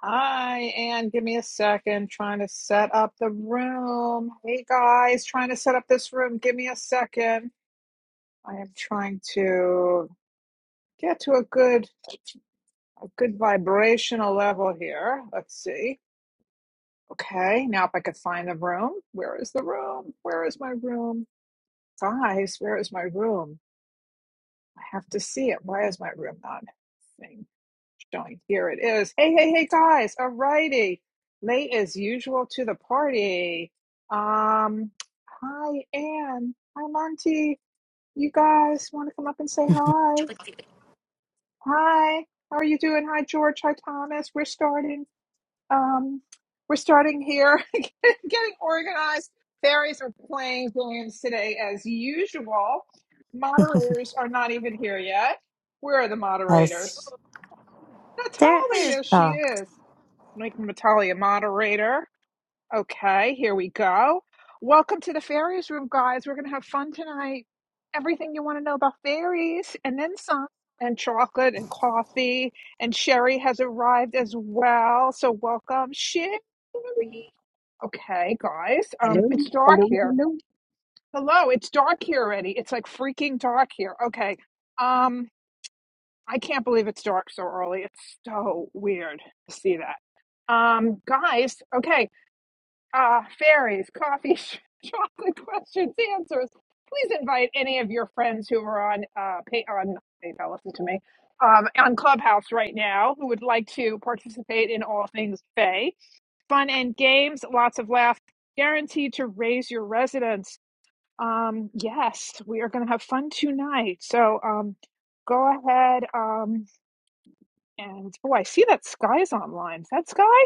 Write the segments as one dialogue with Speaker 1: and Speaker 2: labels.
Speaker 1: Hi, and give me a second. Trying to set up the room. Hey guys, trying to set up this room. Give me a second. I am trying to get to a good a good vibrational level here. Let's see. Okay, now if I could find the room, where is the room? Where is my room? Guys, where is my room? I have to see it. Why is my room not thing showing? Here it is. Hey, hey, hey, guys. All righty, Late as usual to the party. Um, hi, Anne. Hi, Monty. You guys want to come up and say hi? Hi. How are you doing? Hi, George. Hi, Thomas. We're starting. Um, we're starting here, getting organized. Fairies are playing games today as usual. Moderators are not even here yet. Where are the
Speaker 2: I s-
Speaker 1: moderators?
Speaker 2: There.
Speaker 1: Natalie,
Speaker 2: sh-
Speaker 3: Sure.
Speaker 1: there she
Speaker 2: Oh,
Speaker 1: is. Making Natalie a moderator. Okay, here we go. Welcome to the fairies room, guys. We're going to have fun tonight. Everything you want to know about fairies, and then some, and chocolate, and coffee, and Sherry has arrived as well. So, welcome, Sherry. Okay, guys. Um, it's dark here. Hello, it's dark here already. It's like freaking dark here. Okay. Um, I can't believe it's dark so early. It's so weird to see that. Um, guys, okay uh, fairies, coffee, chocolate questions, answers. Please invite any of your friends who are on uh, pay on PayPal. Listen to me um, on Clubhouse right now who would like to participate in all things Faye. Fun and games, lots of laughs, guaranteed to raise your residence. Um, yes, we are going to have fun tonight. So um, go ahead um, and oh, I see that Sky's online. Is that Sky?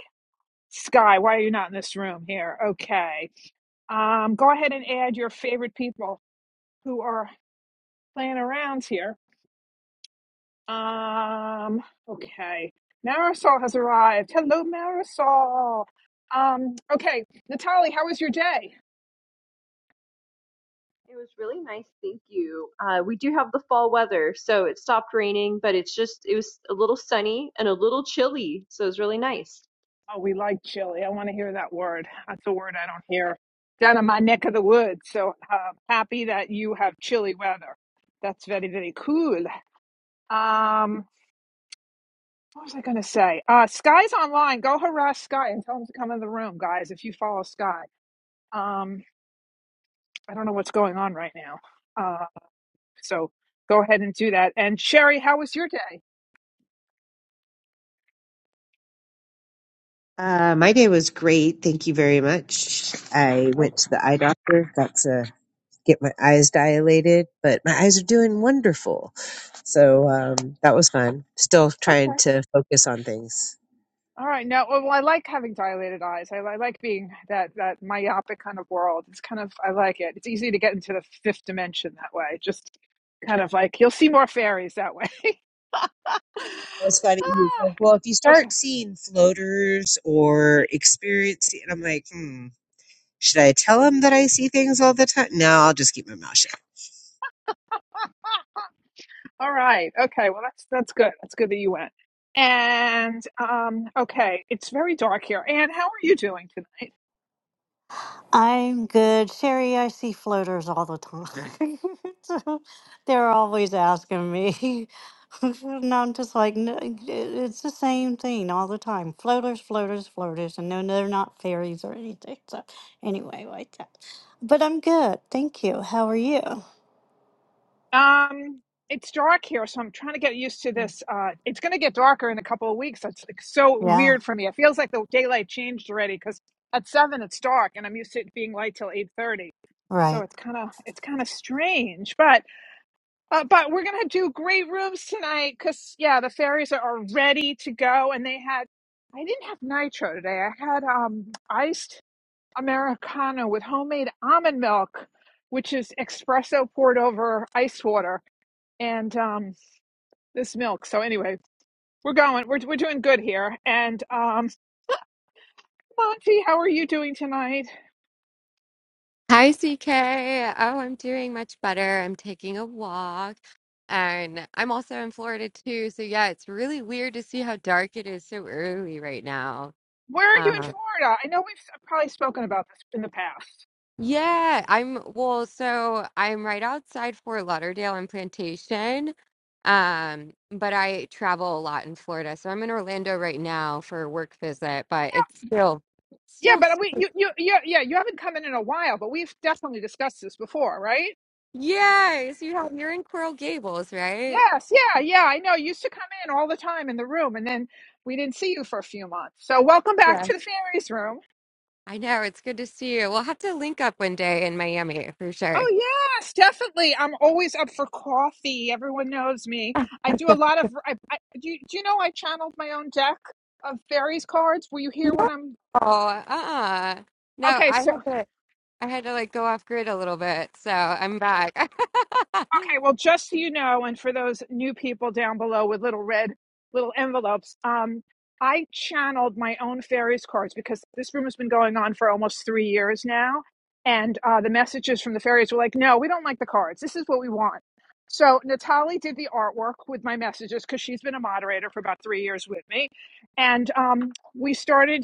Speaker 1: Sky, why are you not in this room here? Okay. Um, go ahead and add your favorite people who are playing around here. Um, okay. Marisol has arrived. Hello, Marisol. Um, okay. Natalie, how was your day?
Speaker 3: It was really nice, thank you. Uh, we do have the fall weather, so it stopped raining, but it's just it was a little sunny and a little chilly, so it was really nice.
Speaker 1: Oh, we like chili. I want to hear that word. That's a word I don't hear down in my neck of the woods. So uh, happy that you have chilly weather. That's very, very cool. Um, what was I going to say? Uh, Sky's online. Go harass Sky and tell him to come in the room, guys, if you follow Sky. Um, I don't know what's going on right now. Uh, so go ahead and do that. And Sherry, how was your day? Okay. Okay. All right. Now, well, I like having dilated eyes. I, I like being that that myopic kind of world. It's kind of I like it. It's easy to get into the fifth dimension that way. Just kind of like you'll see more fairies that way. ah, okay. All right. Okay. Well, that's that's good. That's good that you went. And um, okay, it's very dark here. Anne, how are you doing tonight?
Speaker 2: I'm good, Sherry. I see floaters all the time. so they're always asking me, and I'm just like, no, it- it's the same thing all the time. Floaters, floaters, floaters, and no, they're not fairies or anything. So anyway, like that. But I'm good, thank you. How are you?
Speaker 1: Um, it's dark here, so I'm trying to get used to this. Uh, it's going to get darker in a couple of weeks. That's like so
Speaker 2: Yeah.
Speaker 1: weird for me. It feels like the daylight changed already because at seven it's dark, and I'm used to it being light till eight thirty. So
Speaker 2: Right.
Speaker 1: it's kind of it's kind of strange, but uh, but we're gonna do great rooms tonight because yeah, the fairies are, are ready to go, and they had I didn't have nitro today. I had um iced americano with homemade almond milk, which is espresso poured over ice water and um, this milk. So anyway, we're going. We're we're doing good here. And um, Monty, how are you doing tonight?
Speaker 4: Hi, CK. Oh, I'm doing much better. I'm taking a walk and I'm also in Florida too. So, yeah, it's really weird to see how dark it is so early right now.
Speaker 1: Where are you in
Speaker 4: Um,
Speaker 1: Florida? I know we've probably spoken about this in the past.
Speaker 4: yeah, I'm well, so I'm right outside Fort Lauderdale and Plantation. Um, but I travel a lot in Florida. So, I'm in Orlando right now for a work visit, but it's still,
Speaker 1: Yeah,
Speaker 4: still,
Speaker 1: but
Speaker 4: s-
Speaker 1: we you you yeah yeah you haven't come in in a while, but we've definitely discussed this before, right?
Speaker 4: yes, you have, you're in Coral Gables, right?
Speaker 1: Yes, yeah, yeah. I know. You used to come in all the time in the room, and then we didn't see you for a few months. So welcome back to the fairies room.
Speaker 4: I know. It's good to see you. We'll have to link up one day in Miami for sure.
Speaker 1: Oh, yes, definitely. I'm always up for coffee. Everyone knows me. I do a lot of. I, I, do, you, do you know I channeled my own deck of fairies cards? Were you here when
Speaker 4: No,
Speaker 1: I'm.
Speaker 4: uh-uh. No,
Speaker 1: Okay,
Speaker 4: I
Speaker 1: so
Speaker 4: had to I had to like go off grid a little bit, so I'm back.
Speaker 1: Okay, well, just so you know, and for those new people down below with little red little envelopes, um, I channeled my own fairies cards because this room has been going on for almost three years now, and uh, the messages from the fairies were like, "No, we don't like the cards. This is what we want." So Natalie did the artwork with my messages because she's been a moderator for about three years with me, and um, we started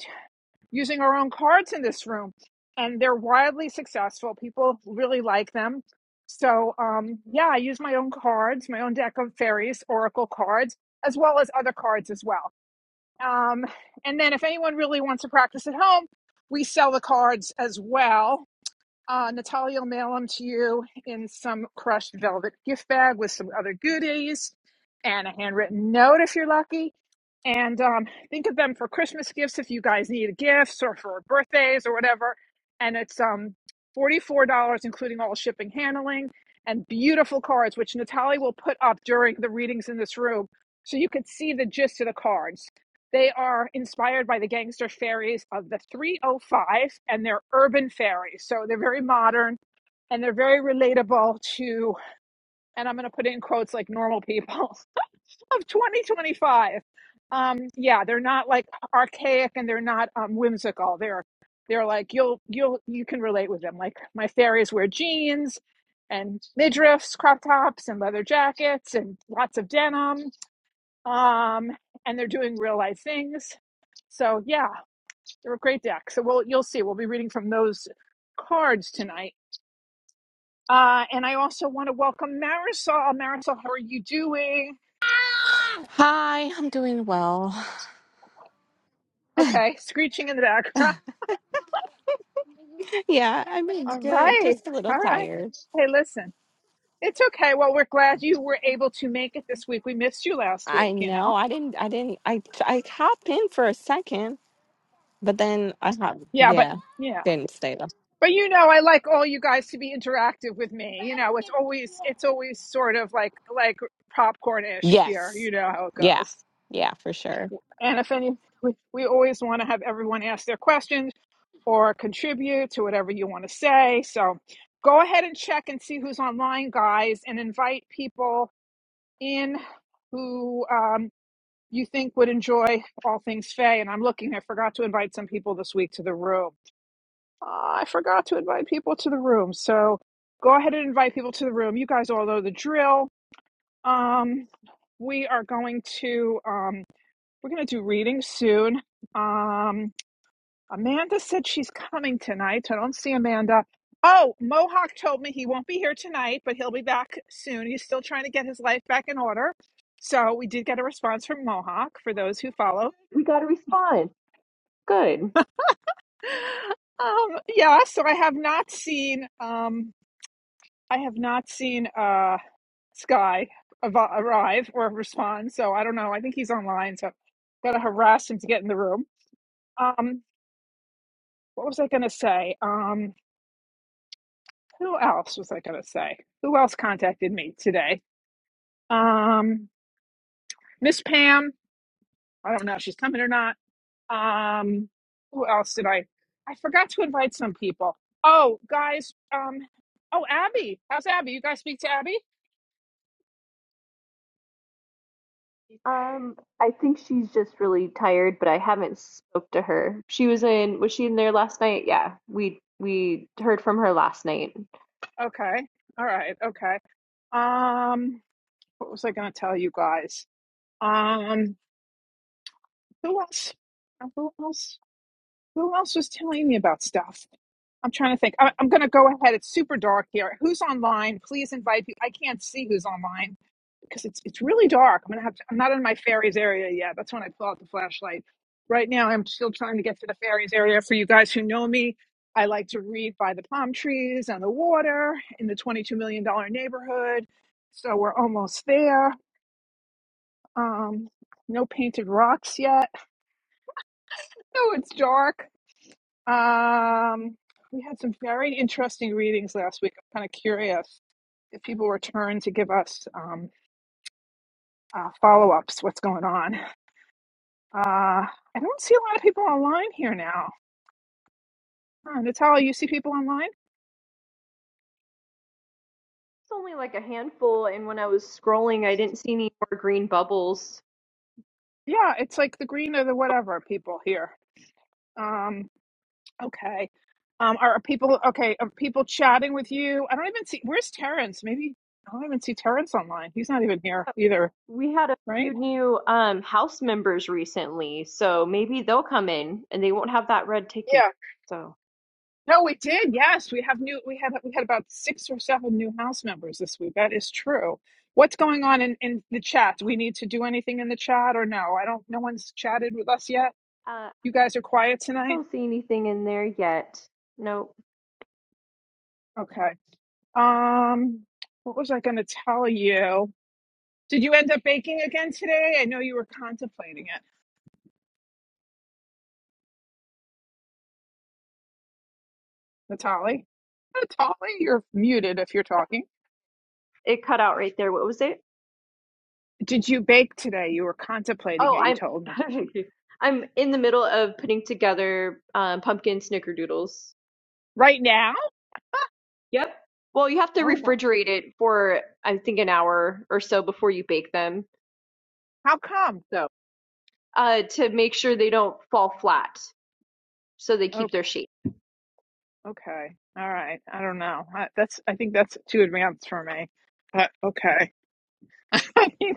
Speaker 1: using our own cards in this room and they're wildly successful people really like them so um yeah i use my own cards my own deck of fairies oracle cards as well as other cards as well um and then if anyone really wants to practice at home we sell the cards as well uh, Natalia will mail them to you in some crushed velvet gift bag with some other goodies and a handwritten note if you're lucky. And um, think of them for Christmas gifts if you guys need gifts or for birthdays or whatever. And it's um, $44, including all shipping handling and beautiful cards, which Natalia will put up during the readings in this room so you could see the gist of the cards. They are inspired by the gangster fairies of the 305 and they're urban fairies. So they're very modern and they're very relatable to, and I'm going to put in quotes like normal people of 2025. Um, yeah, they're not like archaic and they're not um, whimsical. They're, they're like, you'll, you'll, you can relate with them. Like my fairies wear jeans and midriffs, crop tops and leather jackets and lots of denim um, and they're doing real life things. So yeah, they're a great deck. So we'll you'll see. We'll be reading from those cards tonight. Uh, and I also want to welcome Marisol. Marisol, how are you doing?
Speaker 5: Hi, I'm doing well.
Speaker 1: Okay, screeching in the background.
Speaker 5: Yeah, I'm doing
Speaker 1: All
Speaker 5: good.
Speaker 1: right,
Speaker 5: Just a little
Speaker 1: all right.
Speaker 5: tired.
Speaker 1: Hey, listen, it's okay. Well, we're glad you were able to make it this week. We missed you last
Speaker 5: I
Speaker 1: week, you
Speaker 5: know.
Speaker 1: know.
Speaker 5: I didn't. I didn't. I I hopped in for a second, but then I hopped.
Speaker 1: Yeah, but
Speaker 5: Yeah,
Speaker 1: yeah.
Speaker 5: didn't stay though.
Speaker 1: But you know, I like all you guys to be interactive with me. You know, it's always it's always sort of like like popcorn-ish here.
Speaker 5: Yes.
Speaker 1: You know how it
Speaker 5: Yeah.
Speaker 1: goes.
Speaker 5: Yeah, for sure.
Speaker 1: And if any, we, we always want to have everyone ask their questions or contribute to whatever you want to say. So go ahead and check and see who's online, guys, and invite people in who um, you think would enjoy all things Faye. And I'm looking, I forgot to invite some people this week to the room. Uh, I forgot to invite people to the room. So go ahead and invite people to the room. You guys all know the drill. Um, we are going to um, we're going to do reading soon. Um, Amanda said she's coming tonight. I don't see Amanda. Oh, Mohawk told me he won't be here tonight, but he'll be back soon. He's still trying to get his life back in order. So we did get a response from Mohawk for those who follow.
Speaker 3: We got a response. Good.
Speaker 1: Um, yeah, so I have not seen. Um, I have not seen uh, Sky av- arrive or respond, so I don't know. I think he's online, so gotta harass him to get in the room. Um, what was I gonna say? Um, who else was I gonna say? Who else contacted me today? Um, Miss Pam. I don't know if she's coming or not. Um, who else did I? I forgot to invite some people. Oh, guys. Um, oh, Abby. How's Abby? You guys speak to Abby?
Speaker 3: Um, I think she's just really tired, but I haven't spoke to her. She was in, was she in there last night? Yeah, we we heard from her last night. It's
Speaker 1: Okay. All right. Okay. Um, what was I going to tell you guys? Um, who else? uh, Who else? Who else was telling me about stuff? I'm trying to think. I, I'm going to go ahead. It's super dark here. Who's online? Please invite people. I can't see who's online because it's it's really dark. I'm going to have. To, I'm not in my fairies area yet. That's when I pull out the flashlight. Right now, I'm still trying to get to the fairies area. For you guys who know me, I like to read by the palm trees and the water in the 22 million dollar neighborhood. So we're almost there Um, no painted rocks yet. No, it's dark. Um, we had some very interesting readings last week. I'm kind of curious if people return to give us um, uh, follow ups, what's going on. Uh, I don't see a lot of people online here now. Huh, Natalia, you see people online?
Speaker 3: only like a handful, and when I was scrolling, I didn't see any more green bubbles.
Speaker 1: Yeah, it's like the green or the whatever people here. Um, okay. Um, are are people okay? Are people chatting with you? I don't even see. Where's Terrence? Maybe I don't even see Terrence online. He's not even here
Speaker 3: So
Speaker 1: either.
Speaker 3: We had a few
Speaker 1: right?
Speaker 3: new um, House members recently, so maybe they'll come in and they won't have that red ticket.
Speaker 1: Yeah.
Speaker 3: So
Speaker 1: No, we did. Yes, we have new. We had we had about six or seven new house members this week. That is true. What's going on in in the chat? Do we need to do anything in the chat or no? I don't. No one's chatted with us yet.
Speaker 3: uh, I
Speaker 1: You guys are quiet tonight.
Speaker 3: don't see anything in there yet. Nope.
Speaker 1: Okay. Um, what was I going to tell you? Did you end up baking again today? I know you were contemplating it, Natalie. Natalie, you're muted if you're talking.
Speaker 3: It cut out right there. What was it?
Speaker 1: Did you bake today? You were contemplating
Speaker 3: Oh,
Speaker 1: it. You
Speaker 3: I'm
Speaker 1: told me.
Speaker 3: I'm in the middle of putting together um, pumpkin snickerdoodles.
Speaker 1: Right now?
Speaker 3: Yep. Well, you have to
Speaker 1: Oh, wow.
Speaker 3: refrigerate it for I think an hour or so before you bake them.
Speaker 1: How come?
Speaker 3: So uh, to make sure they don't fall flat, so they keep
Speaker 1: Okay.
Speaker 3: their shape.
Speaker 1: Okay. All right. I don't know. I, that's. I think that's too advanced for me. But okay. I mean,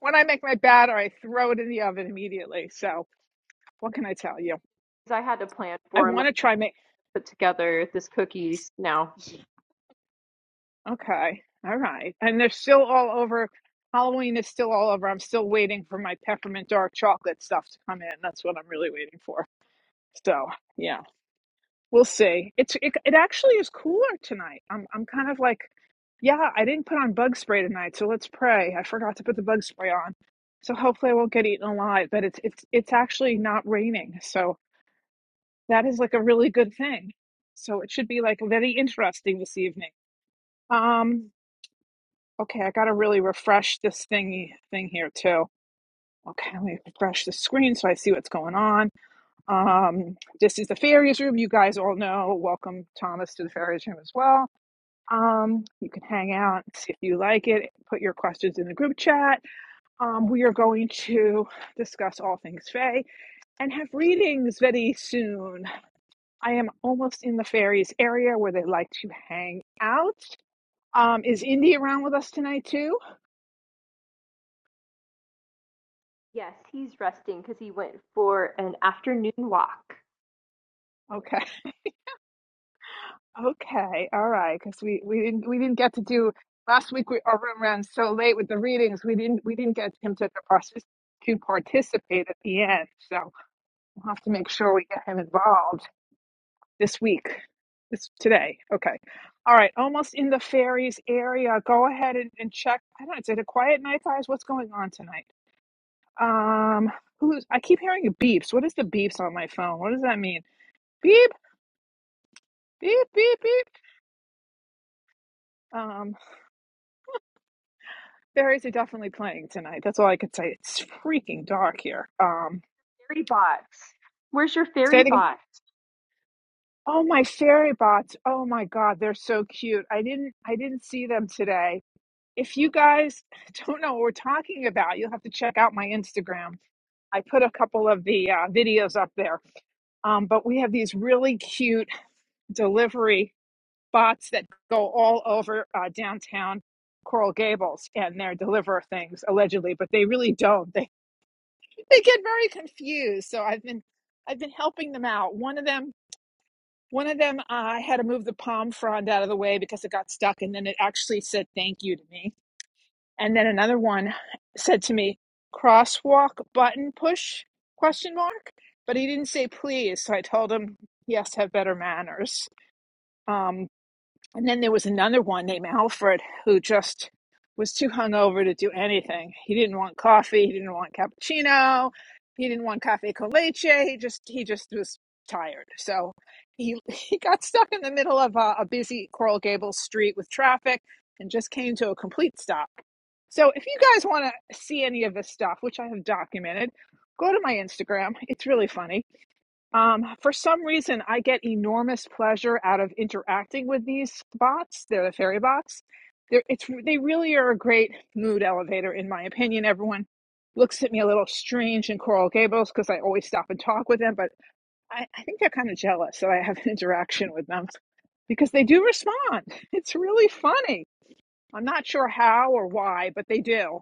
Speaker 1: when I make my batter, I throw it in the oven immediately. So what can I tell you?
Speaker 3: I had a plan
Speaker 1: I
Speaker 3: for him, like
Speaker 1: want to try make.
Speaker 3: put together this cookies now.
Speaker 1: Okay. All right. And they're still all over. Halloween is still all over. I'm still waiting for my peppermint dark chocolate stuff to come in. That's what I'm really waiting for. So yeah. We'll see. It's it, it actually is cooler tonight. I'm I'm kind of like, yeah, I didn't put on bug spray tonight, so let's pray. I forgot to put the bug spray on. So hopefully I won't get eaten alive, but it's it's it's actually not raining. So that is like a really good thing. So it should be like very interesting this evening. Um okay, I got to really refresh this thingy thing here too. Okay, let me refresh the screen so I see what's going on. Um, this is the fairies room. You guys all know. Welcome Thomas to the fairies room as well. Um, you can hang out, see if you like it, put your questions in the group chat. Um, we are going to discuss all things Fae and have readings very soon. I am almost in the fairies area where they like to hang out. Um, is Indy around with us tonight too?
Speaker 3: Yes, he's resting because he went for an afternoon walk.
Speaker 1: Okay, okay, all right, because we, we didn't we didn't get to do last week. We, our room ran so late with the readings. We didn't we didn't get him to participate to participate at the end. So we'll have to make sure we get him involved. This week. This today. Okay. All right. Almost in the fairies area. Go ahead and, and check. I don't know. Is it a quiet night, guys? What's going on tonight? Um, who's I keep hearing beeps. What is the beeps on my phone? What does that mean? Beep, beep, beep, beep. Um, fairies are definitely playing tonight. That's all I could say. It's freaking dark here. Um,
Speaker 3: Fairy box. Where's your
Speaker 1: say
Speaker 3: fairy
Speaker 1: it again.
Speaker 3: box?
Speaker 1: Oh my fairy bots. Oh my god, they're so cute. I didn't I didn't see them today. if you guys don't know what we're talking about, you'll have to check out my Instagram. I put a couple of the uh, videos up there. Um, but we have these really cute delivery bots that go all over uh, downtown Coral Gables and they deliver things allegedly, but they really don't. They they get very confused. So I've been I've been helping them out. One of them one of them uh, I had to move the palm frond out of the way because it got stuck and then it actually said thank you to me And then another one said to me, crosswalk button push question mark. But he didn't say please, so I told him he has to have better manners. Um, and then there was another one named Alfred who just was too hungover to do anything. He didn't want coffee, he didn't want cappuccino, he didn't want cafe con leche, he just he just was tired. So he he got stuck in the middle of a, a busy Coral Gables street with traffic and just came to a complete stop so if you guys want to see any of this stuff, which I have documented, go to my Instagram. It's really funny. Um, for some reason, I get enormous pleasure out of interacting with these bots. They're the fairy bots. They're, it's they really are a great mood elevator, in my opinion. Everyone looks at me a little strange in Coral Gables because I always stop and talk with them, but I, I think they're kind of jealous that I have an interaction with them because they do respond. It's really funny. I'm not sure how or why, but they do.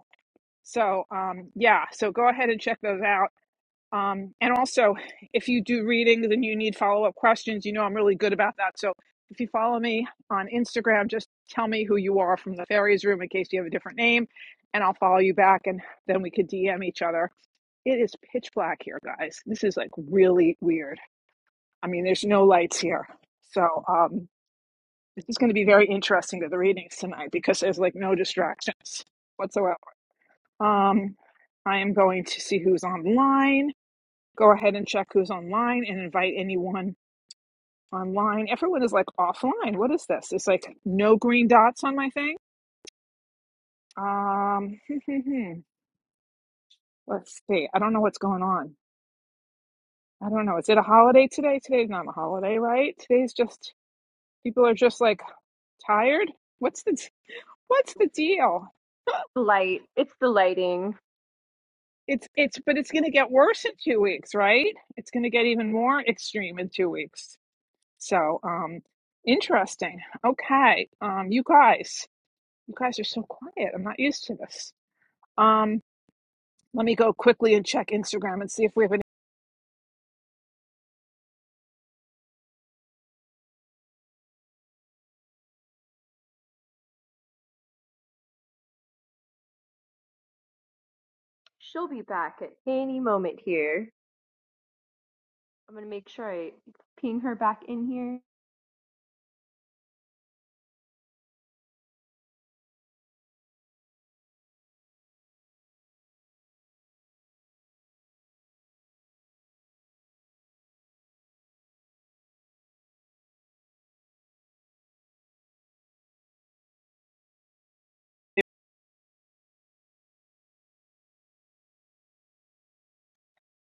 Speaker 1: So, um, yeah, so go ahead and check those out. Um, and also, if you do readings and you need follow up questions, you know I'm really good about that. So, if you follow me on Instagram, just tell me who you are from the fairies room in case you have a different name, and I'll follow you back, and then we could DM each other. It is pitch black here, guys. This is like really weird. I mean, there's no lights here. So, um, this is going to be very interesting to the readings tonight because there's like no distractions whatsoever. Um, I am going to see who's online. Go ahead and check who's online and invite anyone online. Everyone is like offline. What is this? It's like no green dots on my thing. Um, let's see. I don't know what's going on. I don't know. Is it a holiday today? Today's not a holiday, right? Today's just people are just like tired. What's the what's the deal?
Speaker 3: The light. It's the lighting.
Speaker 1: It's it's but it's going to get worse in 2 weeks, right? It's going to get even more extreme in 2 weeks. So, um, interesting. Okay, um, you guys, you guys are so quiet. I'm not used to this. Um, let me go quickly and check Instagram and see if we have any.
Speaker 3: She'll be back at any moment here. I'm gonna make sure I ping her back in here.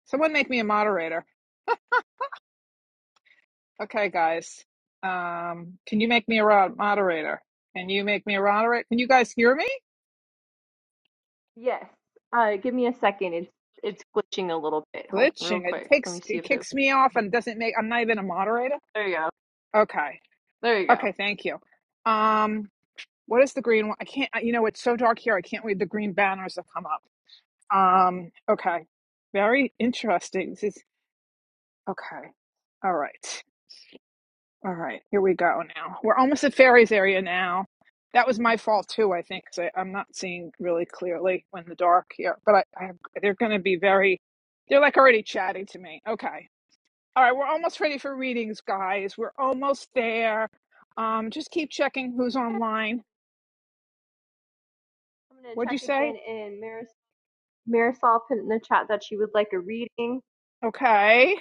Speaker 1: Someone make me a moderator. Okay, guys. Um, can you make me a ro- moderator? Can you make me a moderator? Can you guys hear me?
Speaker 3: Yes. Uh, give me a second. It's it's glitching a little bit. Hold on, real
Speaker 1: Glitching. It
Speaker 3: quick. Let me
Speaker 1: takes
Speaker 3: see
Speaker 1: it
Speaker 3: if it.
Speaker 1: kicks me off and doesn't make. I'm not even a moderator.
Speaker 3: There you go.
Speaker 1: Okay.
Speaker 3: There you go.
Speaker 1: Okay. Thank you. Um, what is the green one? I can't. You know, it's so dark here. I can't read the green banners that come up. Um, okay. Very interesting. This is okay. All right. All right. Here we go now. We're almost at Fairies area now. That was my fault too, I think, 'cause I, I'm not seeing really clearly when the dark here. But I, I have, they're going to be very, they're like already chatting to me. Okay. All right. We're almost ready for readings, guys. We're almost there. Um, just keep checking who's online.
Speaker 3: I'm gonna
Speaker 1: What'd you
Speaker 3: check again
Speaker 1: say?
Speaker 3: in. Maris- Marisol put in the chat that she would like a reading.
Speaker 1: Okay.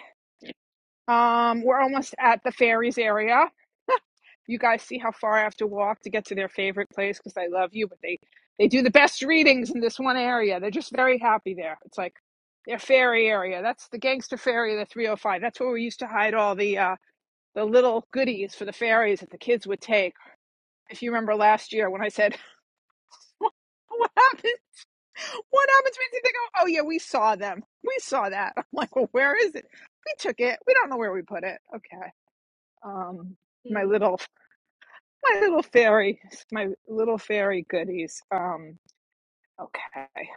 Speaker 1: Um, we're almost at the Fairies area. you guys see how far I have to walk to get to their favorite place because I love you, but they they do the best readings in this one area. They're just very happy there. It's like their fairy area. That's the gangster fairy, the 305. That's where we used to hide all the uh, the little goodies for the fairies that the kids would take. If you remember last year when I said, "What happened? What happens?" when They go, "Oh yeah, we saw them. We saw that." I'm like, "Well, where is it? We took it. We don't know where we put it." Okay. Um, my little my little fairy, my little fairy goodies. Um, okay,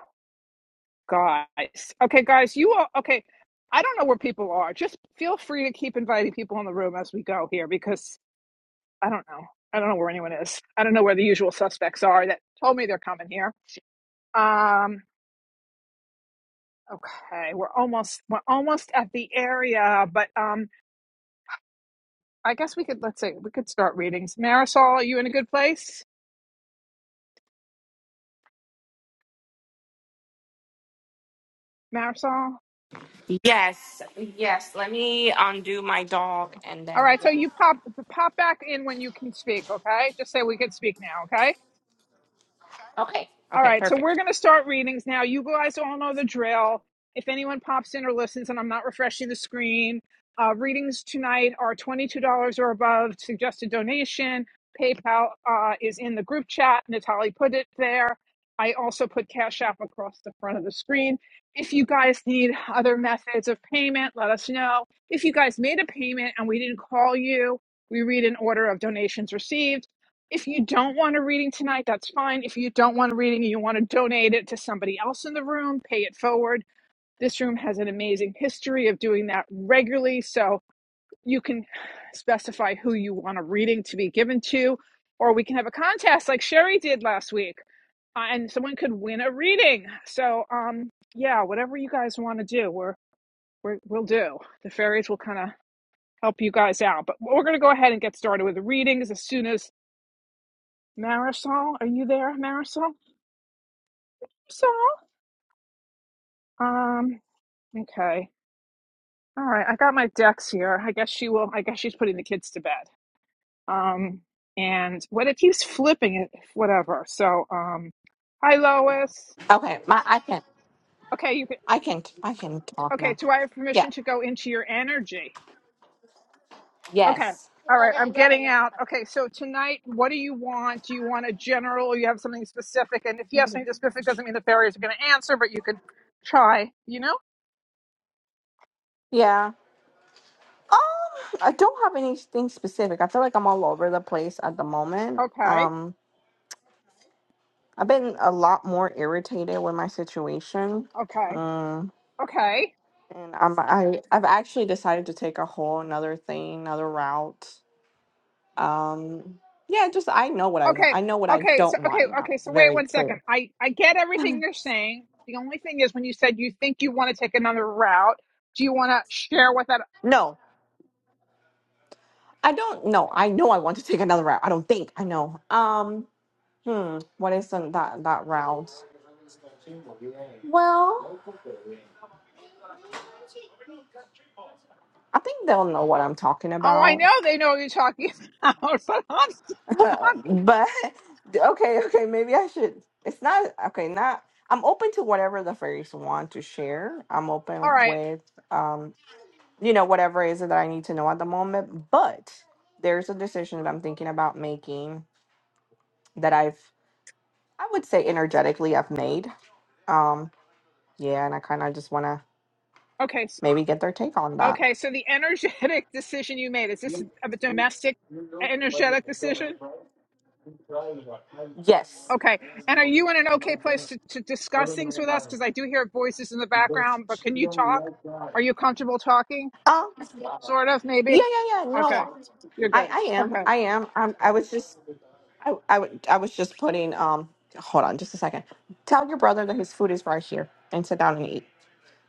Speaker 1: guys. Okay, guys, you are okay. I don't know where people are. Just feel free to keep inviting people in the room as we go here because I don't know. I don't know where anyone is. I don't know where the usual suspects are that told me they're coming here. Um, okay, we're almost we're almost at the area, but um, I guess we could let's say we could start readings. Marisol, are you in a good place? Marisol?
Speaker 5: Yes. Yes. Let me undo my dog and
Speaker 1: All
Speaker 5: then.
Speaker 1: right, so
Speaker 5: Yeah.
Speaker 1: you pop pop back in when you can speak, okay? Just say we can speak now, okay?
Speaker 5: Okay.
Speaker 1: All
Speaker 5: Okay.
Speaker 1: right, so we're
Speaker 5: Perfect.
Speaker 1: going to start readings now. You guys all know the drill. If anyone pops in or listens, and I'm not refreshing the screen, uh, readings tonight are $22 or above, suggested donation. PayPal uh, is in the group chat. Natalie put it there. I also put Cash App across the front of the screen. If you guys need other methods of payment, let us know. If you guys made a payment and we didn't call you, we read an order of donations received. If you don't want a reading tonight, that's fine. If you don't want a reading and you want to donate it to somebody else in the room, pay it forward. This room has an amazing history of doing that regularly. So you can specify who you want a reading to be given to, or we can have a contest like Sherry did last week, uh, and someone could win a reading. So, um, yeah, whatever you guys want to do, we're, we're, we'll do. The fairies will kind of help you guys out. But we're going to go ahead and get started with the readings as soon as Marisol, are you there, Marisol? Marisol? Um, okay. All right, I got my ducks here. I guess she will, I guess she's putting the kids to bed. Um, and what it keeps flipping it, whatever. So, um, hi, Lois.
Speaker 5: Okay. My I can.
Speaker 1: Okay, you can,
Speaker 5: I can. I can talk
Speaker 1: okay,
Speaker 5: now.
Speaker 1: do I have
Speaker 5: Yeah.
Speaker 1: permission to go into your energy? Okay.
Speaker 5: Yes.
Speaker 1: All right, I'm getting out. Okay, so tonight, what do you want? Do you want a general? or You have something specific? And if you have something specific, doesn't mean the fairies are going to answer, but you can try, you know?
Speaker 5: Yeah. Um, I don't have anything specific. I feel like I'm all over the place at the moment.
Speaker 1: Okay,
Speaker 5: Um, I've been a lot more irritated with my situation.
Speaker 1: okay.
Speaker 5: Um,
Speaker 1: Okay.
Speaker 5: and I'm I I've actually decided to take a whole another thing, another route. Um, yeah, just I know what I want.
Speaker 1: Okay.
Speaker 5: I know what I
Speaker 1: Okay. So
Speaker 5: don't
Speaker 1: okay.
Speaker 5: want now.
Speaker 1: Okay. So wait
Speaker 5: Very
Speaker 1: one second.
Speaker 5: clear.
Speaker 1: I I get everything you're saying. The only thing is when you said you think you want to take another route. Do you want to share what that?
Speaker 5: No, I don't know. I know I want to take another route. I don't think I know. Um, hmm, what is the, that that route? Well, I think they'll know what I'm talking
Speaker 1: Oh, I
Speaker 5: about.
Speaker 1: know they know what you're talking about, but I'm,
Speaker 5: Uh,
Speaker 1: I'm
Speaker 5: but okay, okay, maybe I should. It's not okay. Not I'm open to whatever the fairies want to share. I'm
Speaker 1: all
Speaker 5: open
Speaker 1: right.
Speaker 5: with um, you know, whatever is it that I need to know at the moment. But there's a decision that I'm thinking about making that I've, I would say, energetically I've made. Um, yeah, and I kind of just want to
Speaker 1: Okay. s-
Speaker 5: maybe get their take on that.
Speaker 1: Okay. So the energetic decision you made is this a domestic energetic decision?
Speaker 5: Yes.
Speaker 1: Okay. And are you in an okay place to, to discuss things with us? Because I do hear voices in the background, but can you talk? Are you comfortable talking?
Speaker 5: Um. Yeah,
Speaker 1: Sort of, maybe.
Speaker 5: yeah, yeah.
Speaker 1: Okay,
Speaker 5: No,
Speaker 1: you're
Speaker 5: I,
Speaker 1: good.
Speaker 5: I am.
Speaker 1: Okay,
Speaker 5: I am. I'm, I was just I, I, would- I was just putting, um, hold on just a second. Tell your brother that his food is right here and sit down and eat.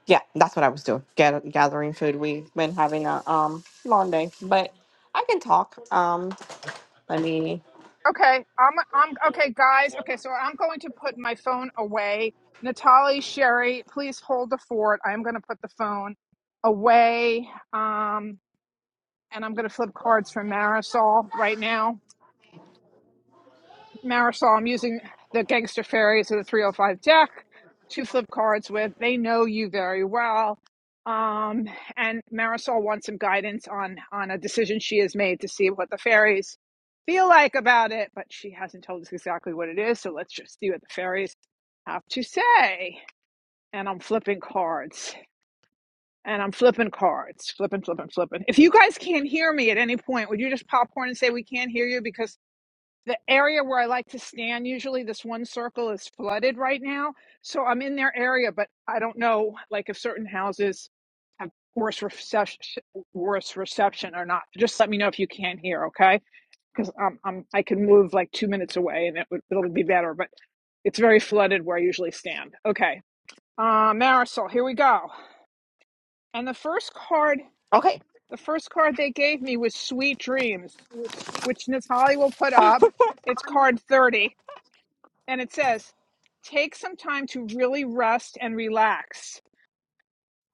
Speaker 5: Yeah, that's what I was doing. Gather, gathering food. We've been having a um long day, but I can talk. Um, let me.
Speaker 1: okay. I'm, I'm okay, guys. Okay, so I'm going to put my phone away. Natalie, Sherry, please hold the fort. I am going to put the phone away. Um, and I'm going to flip cards for Marisol right now. Marisol, I'm using the Gangster Fairies of the 305 deck to flip cards with. They know you very well. Um, and Marisol wants some guidance on on a decision she has made to see what the fairies feel like about it, but she hasn't told us exactly what it is, so let's just see what the fairies have to say. And I'm flipping cards. And I'm flipping cards. Flipping, flipping, flipping. If you guys can't hear me at any point, would you just popcorn and say we can't hear you? Because the area where I like to stand usually this one circle is flooded right now so I'm in their area but I don't know like if certain houses have worse reception worse reception or not just let me know if you can't hear okay because um, I'm I can move like two minutes away and it would it'll be better but it's very flooded where I usually stand okay uh, Marisol here we go and the first card
Speaker 5: Okay.
Speaker 1: the first card they gave me was Sweet Dreams which Natali will put up it's card 30 And it says, take some time to really rest and relax.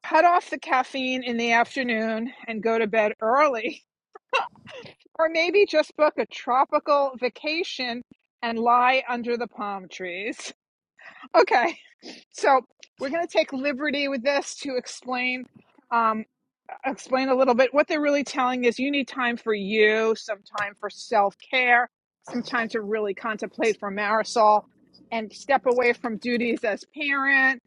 Speaker 1: Cut off the caffeine in the afternoon and go to bed early. Or maybe just book a tropical vacation and lie under the palm trees. Okay. So we're going to take liberty with this to explain um, explain a little bit what they're really telling is you need time for you, some time for self care, some time to really contemplate for Marisol and step away from duties as parent,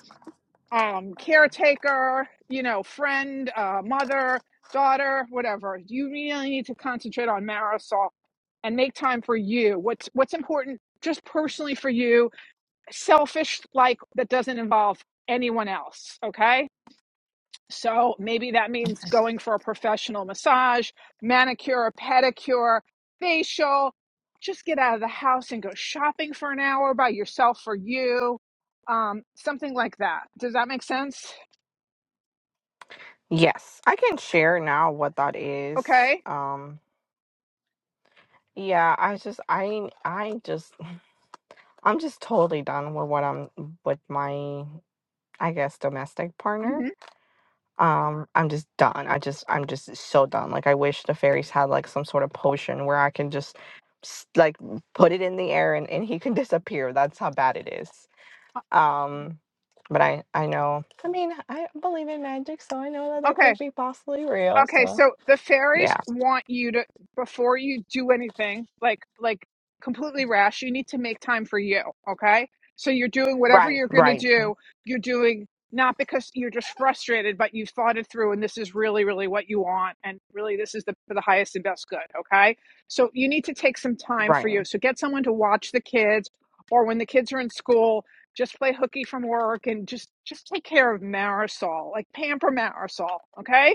Speaker 1: um, caretaker, you know, friend, uh, mother, daughter, whatever. You really need to concentrate on Marisol and make time for you. What's what's important just personally for you selfish like that doesn't involve anyone else okay so maybe that means going for a professional massage manicure pedicure facial just get out of the house and go shopping for an hour by yourself for you um something like that does that make sense
Speaker 5: Yes, I can share now what that is.
Speaker 1: okay
Speaker 5: Um, yeah, I just, I, I just, I'm just totally done with what I'm with my, I guess, domestic partner.
Speaker 1: hmm
Speaker 5: um i'm just done i just i'm just so done like i wish the fairies had like some sort of potion where i can just s- like put it in the air and, and he can disappear that's how bad it is um but i i know i mean i believe in magic so i know that that
Speaker 1: okay
Speaker 5: could be possibly real
Speaker 1: Okay,
Speaker 5: so
Speaker 1: so the fairies
Speaker 5: yeah
Speaker 1: want you to before you do anything, like like completely rash, you need to make time for you, okay? So you're doing whatever
Speaker 5: right
Speaker 1: you're going to
Speaker 5: right
Speaker 1: do, you're doing not because you're just frustrated, but you've thought it through and this is really really what you want and really this is the for the highest and best good, okay? So you need to take some time for
Speaker 5: right
Speaker 1: you. So get someone to watch the kids or when the kids are in school, just play hooky from work and just just take care of Marisol, like pamper Marisol, okay?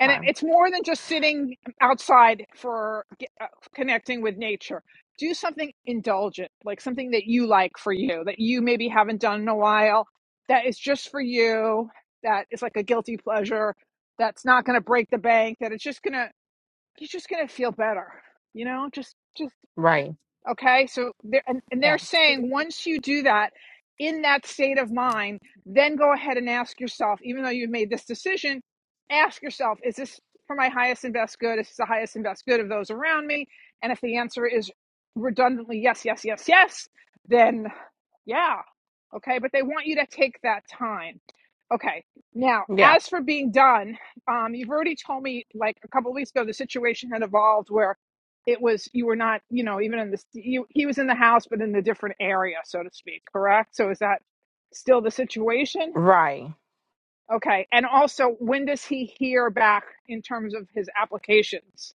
Speaker 1: and it, it's more than just sitting outside for uh, connecting with nature do something indulgent like something that you like for you that you maybe haven't done in a while that is just for you that is like a guilty pleasure that's not going to break the bank that it's just going to you're just going to feel better you know just, just
Speaker 5: right
Speaker 1: Okay, so they're, and, and
Speaker 5: Yeah.
Speaker 1: they're saying once you do that in that state of mind, then go ahead and ask yourself, even though you've made this decision, ask yourself, is this for my highest and best good? Is this the highest and best good of those around me? And if the answer is redundantly yes, yes, yes, yes, then yeah. Okay. But they want you to take that time. Okay. Now,
Speaker 5: yeah
Speaker 1: as for being done, um, you've already told me like a couple of weeks ago the situation had evolved where it was you were not, you know, even in this you he was in the house but in a different area, so to speak, correct? So is that still the situation?
Speaker 5: right
Speaker 1: Okay. And also when does he hear back in terms of his applications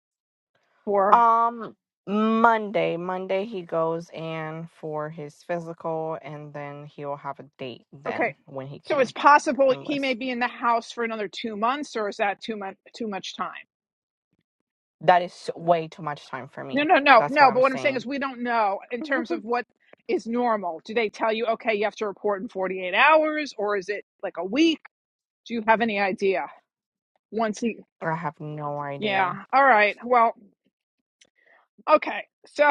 Speaker 1: for
Speaker 5: Um, Monday. Monday he goes in for his physical, and then he'll have a date then
Speaker 1: okay.
Speaker 5: when he
Speaker 1: So it's
Speaker 5: can
Speaker 1: possible he may
Speaker 5: enlist.
Speaker 1: be in the house for another two months, or is that too much too much time?
Speaker 5: That is way too much time for me.
Speaker 1: No, no, no,
Speaker 5: That's what
Speaker 1: no.
Speaker 5: I'm
Speaker 1: But what I'm saying
Speaker 5: saying.
Speaker 1: is, we don't know in terms of what is normal. Do they tell you, okay, you have to report in 48 hours, or is it like a week? Do you have any idea? Once he,
Speaker 5: I have no idea.
Speaker 1: yeah, all right. Well, okay. So,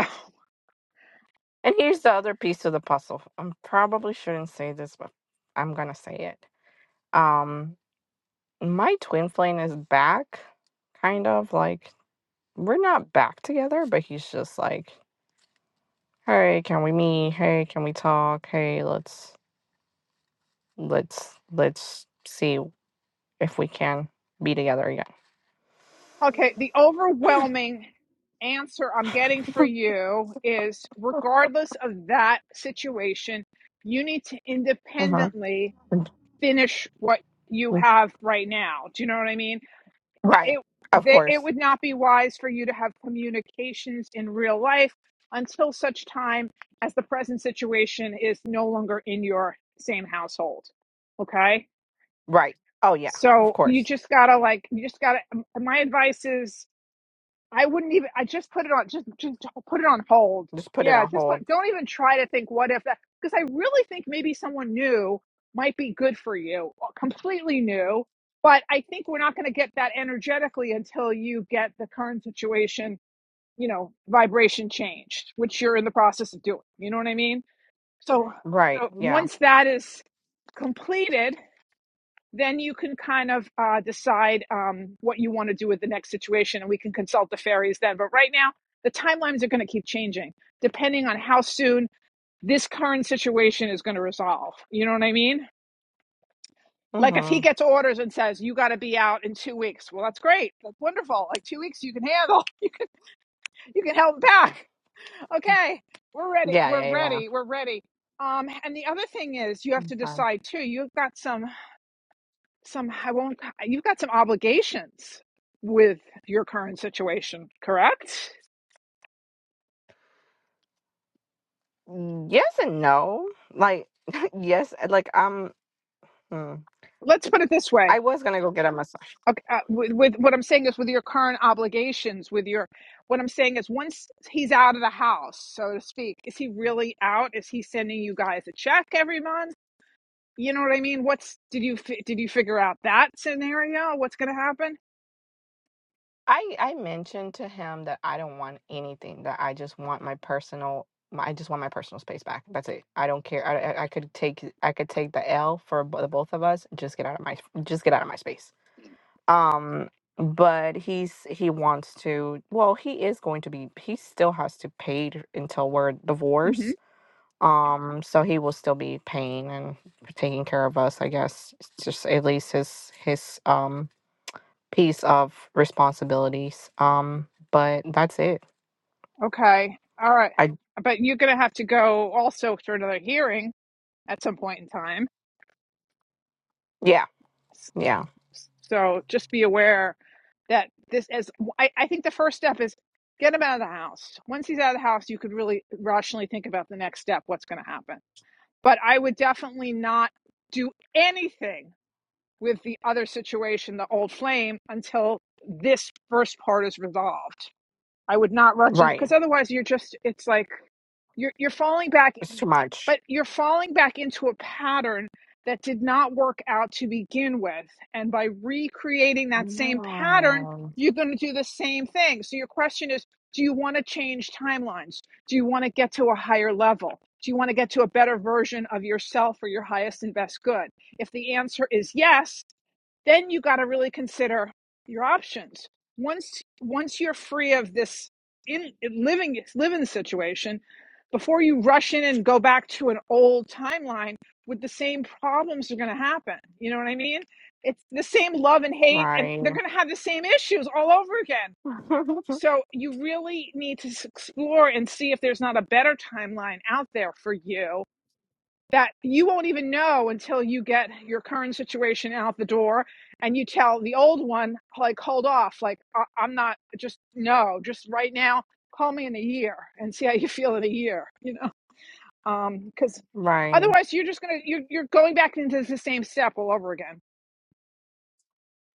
Speaker 5: And here's the other piece of the puzzle. I probably shouldn't say this, but I'm gonna say it. Um, my twin flame is back, kind of like we're not back together, but he's just like, hey, can we meet? Hey, can we talk? Hey, let's let's let's see if we can be together again.
Speaker 1: okay, the overwhelming answer I'm getting for you is regardless of that situation, you need to
Speaker 5: Uh-huh.
Speaker 1: independently finish what you
Speaker 5: mm,
Speaker 1: have right now. Do you know what I mean?
Speaker 5: Right.
Speaker 1: it
Speaker 5: Of
Speaker 1: that it
Speaker 5: course.
Speaker 1: would not be wise for you to have communications in real life until such time as the present situation is no longer in your same household okay
Speaker 5: Right. Oh yeah. Of
Speaker 1: so you
Speaker 5: course.
Speaker 1: just gotta like you just gotta my advice is I wouldn't even. I just put it on. Just just put it on hold.
Speaker 5: Just put it
Speaker 1: Yeah,
Speaker 5: on
Speaker 1: just put,
Speaker 5: hold.
Speaker 1: don't even try to think what if that because I really think maybe someone new might be good for you, uh, completely new. But I think we're not going to get that energetically until you get the current situation, you know, vibration changed, which you're in the process of doing. You know what I mean? So,
Speaker 5: Right.
Speaker 1: so
Speaker 5: Yeah.
Speaker 1: once that is completed, then you can kind of uh, decide um, what you want to do with the next situation and we can consult the fairies then. But right now, the timelines are going to keep changing depending on how soon this current situation is going to resolve. You know what I mean? Like if he
Speaker 5: Mhm.
Speaker 1: gets orders and says, you got to be out in two weeks, well, that's great. That's wonderful. Like two weeks you can handle, you, you can help back. Okay, we're ready.
Speaker 5: Yeah,
Speaker 1: We're
Speaker 5: yeah, yeah.
Speaker 1: ready. We're ready. Um, and the other thing is you have to
Speaker 5: Okay.
Speaker 1: decide too, you've got some Some I won't. You've got some obligations with your current situation, correct?
Speaker 5: Mm, Yes and no. Like yes, like um mm,
Speaker 1: Let's put it this
Speaker 5: I
Speaker 1: way.
Speaker 5: was going to go get a massage.
Speaker 1: Okay, uh, with, with what I'm saying is with your current obligations, with your what I'm saying is once he's out of the house, so to speak, is he really out? Is he sending you guys a check every month? You know what I mean? What's did you did you figure out that scenario? What's going to happen?
Speaker 5: I I mentioned to him that I don't want anything. That I just want my personal. My, I just want my personal space back. That's it. I don't care. I, I I could take I could take the L for bo- the both of us. Just get out of my just get out of my space. Um, but he's he wants to. Well, he is going to be. He still has to pay t- until we're
Speaker 1: hmm
Speaker 5: divorced. Um, so he will still be paying and taking care of us. I guess it's just at least his his um piece of responsibilities. Um, but that's it.
Speaker 1: Okay, all right,
Speaker 5: I
Speaker 1: but you're going to have to go also for another hearing at some point in time
Speaker 5: yeah, yeah.
Speaker 1: So just be aware that this is, I, I think the first step is get him out of the house. Once he's out of the house, you could really rationally think about the next step, what's going to happen. But I would definitely not do anything with the other situation, the old flame, until this first part is resolved. I would not rush into
Speaker 5: Right.
Speaker 1: because otherwise you're just it's like you're you're falling back
Speaker 5: It's too much.
Speaker 1: but you're falling back into a pattern that did not work out to begin with. And by recreating
Speaker 5: I
Speaker 1: that same pattern,
Speaker 5: know.
Speaker 1: you're going to do the same thing. So your question is do you want to change timelines? Do you want to get to a higher level? Do you want to get to a better version of yourself or your highest and best good? If the answer is yes, then you got to really consider your options. Once once you're free of this in living living situation, before you rush in and go back to an old timeline with the same problems are going to happen you know what i mean it's the same love and hate and they're
Speaker 5: Right.
Speaker 1: going to have the same issues all over again so you really need to explore and see if there's not a better timeline out there for you that you won't even know until you get your current situation out the door and you tell the old one like hold off like I- i'm not just no just right now call me in a year and see how you feel in a year you know um because
Speaker 5: right.
Speaker 1: otherwise you're just gonna you're, you're going back into the same step all over again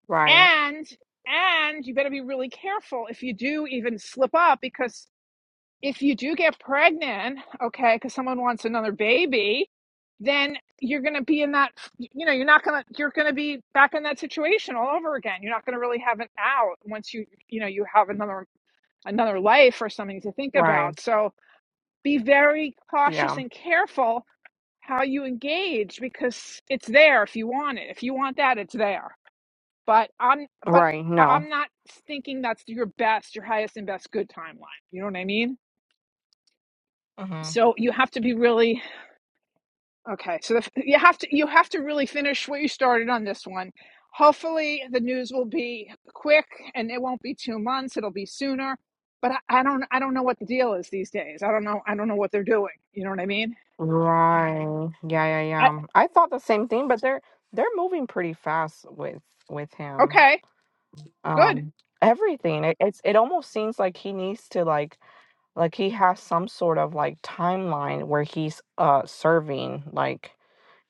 Speaker 5: Right.
Speaker 1: and and you better be really careful if you do even slip up because if you do get pregnant okay because someone wants another baby then you're gonna be in that you know you're not gonna you're gonna be back in that situation all over again you're not gonna really have an out once you you know you have another another life or something to think
Speaker 5: Right.
Speaker 1: about so be very cautious
Speaker 5: Yeah.
Speaker 1: and careful how you engage because it's there if you want it. If you want that, it's there. But I'm but
Speaker 5: Right.
Speaker 1: I-
Speaker 5: No.
Speaker 1: am not thinking that's your best, your highest and best good timeline. You know what I mean?
Speaker 5: hmm
Speaker 1: So you have to be really okay. So the, you have to you have to really finish what you started on this one. Hopefully the news will be quick and it won't be 2 months, it'll be sooner. But I, I don't I don't know what the deal is these days. I don't know I don't know what they're doing. You know what I mean?
Speaker 5: Right. Yeah, yeah,
Speaker 1: I
Speaker 5: yeah. I thought the same thing, but they're they're moving pretty fast with with him.
Speaker 1: okay, good.
Speaker 5: Um everything. It, it's it almost seems like he needs to like like he has some sort of like timeline where he's uh serving like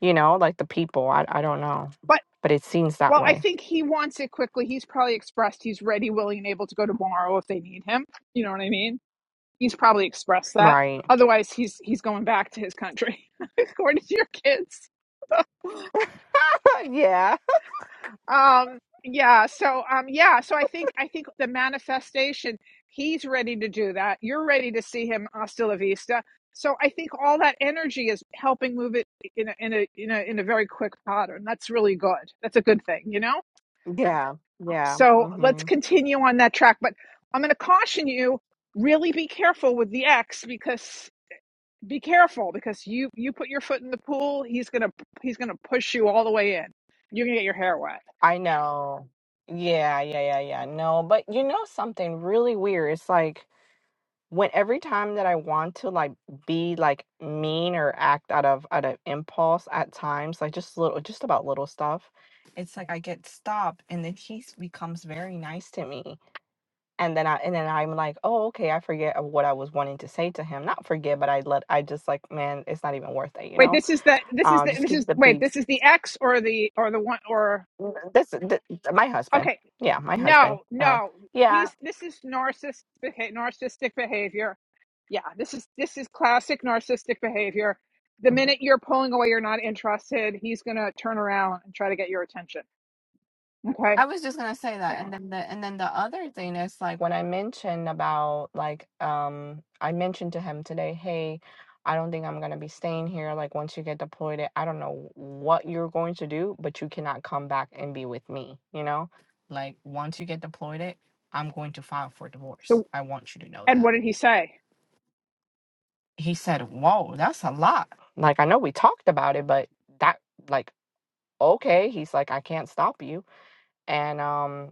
Speaker 5: you know like the people i, I don't know
Speaker 1: but.
Speaker 5: but it seems that
Speaker 1: Well, I
Speaker 5: way
Speaker 1: think he wants it quickly. He's probably expressed he's ready, willing, and able to go tomorrow if they need him. You know what I mean? He's probably expressed that.
Speaker 5: right
Speaker 1: Otherwise, he's he's going back to his country, according to your kids.
Speaker 5: yeah
Speaker 1: Um, yeah. So, um, yeah. So I think I think the manifestation. He's ready to do that. You're ready to see him hasta la vista. So I think all that energy is helping move it in a in a in a in a very quick pattern. That's really good. That's a good thing, you know.
Speaker 5: yeah yeah
Speaker 1: So let's
Speaker 5: hmm
Speaker 1: continue on that track. But I'm going to caution you: really be careful with the ex because be careful because you you put your foot in the pool, he's gonna he's gonna push you all the way in. You're gonna get your hair wet.
Speaker 5: i know yeah yeah yeah yeah no but you know something really weird it's like when every time that i want to like be like mean or act out of out of impulse at times like just little just about little stuff it's like i get stopped and then he s- becomes very nice to me And then I and then I'm like, "Oh, okay." I forget of what I was wanting to say to him. Not forget, but I let I just like, "Man, it's not even worth it," you
Speaker 1: Wait,
Speaker 5: know?
Speaker 1: this is the this is
Speaker 5: Um,
Speaker 1: the
Speaker 5: just
Speaker 1: this
Speaker 5: keep
Speaker 1: is
Speaker 5: the
Speaker 1: wait,
Speaker 5: peace.
Speaker 1: this is the X or the or the one or
Speaker 5: This th my husband.
Speaker 1: okay.
Speaker 5: Yeah, my husband.
Speaker 1: No,
Speaker 5: Uh,
Speaker 1: no.
Speaker 5: yeah.
Speaker 1: He's this is narcissistic narcissistic behavior. Yeah, this is this is classic narcissistic behavior. The minute you're pulling away, you're not interested, he's going to turn around and try to get your attention. Okay?
Speaker 5: I was just gonna say that,
Speaker 1: Yeah.
Speaker 5: and then the and then the other thing is like when I mentioned about like um I mentioned to him today, hey, I don't think I'm gonna be staying here. Like once you get deployed, I I don't know what you're going to do, but you cannot come back and be with me. You know, like once you get deployed, it I'm going to file for divorce.
Speaker 1: So
Speaker 5: I want you to know
Speaker 1: and
Speaker 5: that.
Speaker 1: what did he say?
Speaker 5: He said, "Whoa, that's a lot." Like I know we talked about it, but that like okay. He's like, I can't stop you, and um.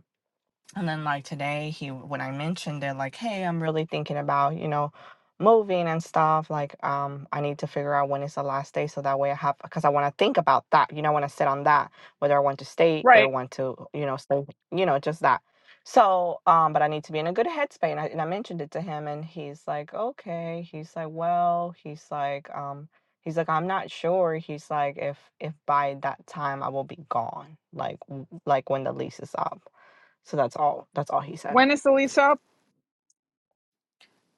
Speaker 5: And then like today, he when I mentioned it, like, hey, I'm really thinking about, you know, moving and stuff. Like, um, I need to figure out when is the last day so that way I have because I want to think about that. You know, I want to sit on that, whether I want to stay or
Speaker 1: Right.
Speaker 5: want to, you know, stay, you know, just that. So, um, but I need to be in a good headspace. And I, and I mentioned it to him and he's like, okay. He's like, well, he's like, um, he's like, I'm not sure. He's like, if if by that time I will be gone, like w- like when the lease is up. So that's all that's all he said.
Speaker 1: When is the lease up?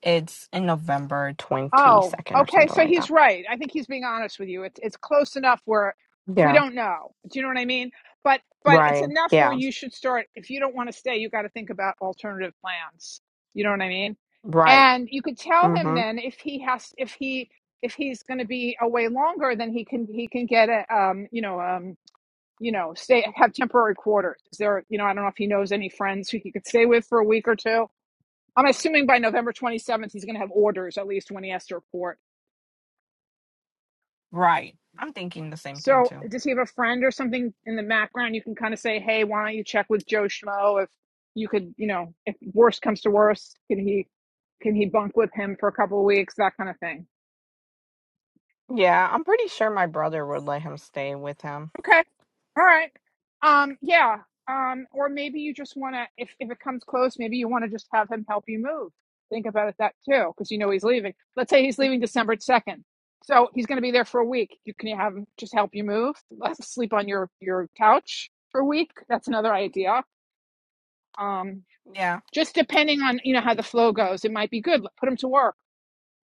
Speaker 5: It's in November
Speaker 1: Oh,
Speaker 5: 22nd or
Speaker 1: okay.
Speaker 5: something
Speaker 1: So
Speaker 5: like
Speaker 1: he's
Speaker 5: that.
Speaker 1: right. I think he's being honest with you. It's it's close enough where we
Speaker 5: Yeah.
Speaker 1: don't know. Do you know what I mean? But but it's
Speaker 5: Right.
Speaker 1: enough where
Speaker 5: Yeah.
Speaker 1: you should start. If you don't want to stay, you got to think about alternative plans. You know what I mean?
Speaker 5: Right.
Speaker 1: And you could tell him
Speaker 5: Mhm.
Speaker 1: then if he has if he if he's going to be away longer, then he can he can get a um you know um you know stay have temporary quarters. Is there you know I don't know if he knows any friends who he could stay with for a week or two. I'm assuming by November 27th he's going to have orders at least when he has to report
Speaker 5: Right. I'm thinking the same thing
Speaker 1: So,
Speaker 5: too.
Speaker 1: does he have a friend or something in the background? You can kind of say, "Hey, why don't you check with Joe Schmo if you could, you know, if worst comes to worst, can he can he bunk with him for a couple of weeks, that kind of thing."
Speaker 5: Yeah, I'm pretty sure my brother would let him stay with him.
Speaker 1: Okay, all right, um, yeah, um, or maybe you just want to, if if it comes close, maybe you want to just have him help you move. Think about it that too, because you know he's leaving. Let's say he's leaving December second, so he's going to be there for a week. You can have him just help you move. Let him sleep on your your couch for a week. That's another idea Um,
Speaker 5: Yeah.
Speaker 1: just depending on you know how the flow goes, it might be good. Put him to work.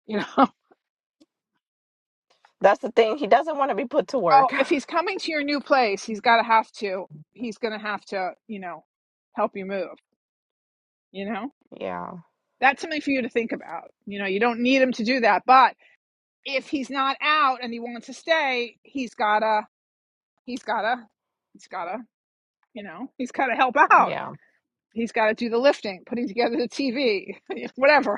Speaker 1: You know.
Speaker 5: That's the thing. He doesn't want to be put to
Speaker 1: Oh,
Speaker 5: work.
Speaker 1: if he's coming to your new place, he's got to have to. He's going to have to, you know, help you move. You know,
Speaker 5: Yeah.
Speaker 1: that's something for you to think about. You know, you don't need him to do that, but if he's not out and he wants to stay, he's gotta, he's gotta, he's gotta, you know, he's gotta help out.
Speaker 5: Yeah.
Speaker 1: He's gotta do the lifting, putting together the TV, whatever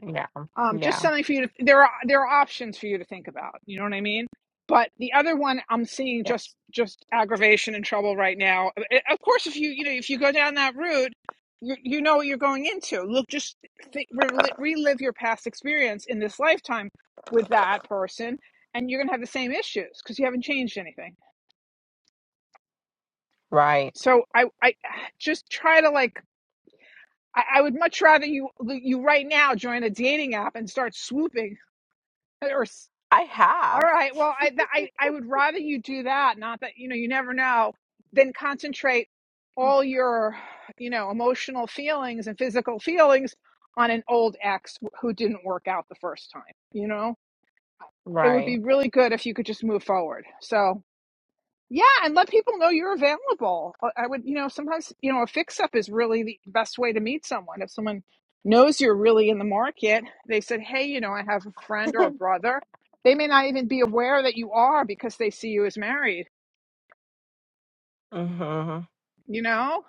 Speaker 5: Yeah.
Speaker 1: um, just
Speaker 5: Yeah.
Speaker 1: something for you to there are there are options for you to think about you know what i mean but the other one i'm seeing just
Speaker 5: Yes.
Speaker 1: just aggravation and trouble right now Uh, uh, of course if you you know if you go down that route you, you know what you're going into look just think, reli- relive your past experience in this lifetime with that person and you're going to have the same issues because you haven't changed anything
Speaker 5: Right.
Speaker 1: so i i just try to like I, I would much rather you you right now join a dating app and start swooping or
Speaker 5: I
Speaker 1: All
Speaker 5: have.
Speaker 1: right. Well, I, th- I I would rather you do that. Not that you know you never know. Then concentrate all your you know emotional feelings and physical feelings on an old ex who didn't work out the first time. You know, it would
Speaker 5: Right.
Speaker 1: be really good if you could just move forward. So yeah, and let people know you're available. I would, you know, sometimes, you know, a fix up is really the best way to meet someone. If someone knows you're really in the market, they said, hey, you know, I have a friend or a brother. They may not even be aware that you are because they see you as married,
Speaker 5: Mhm.
Speaker 1: you know?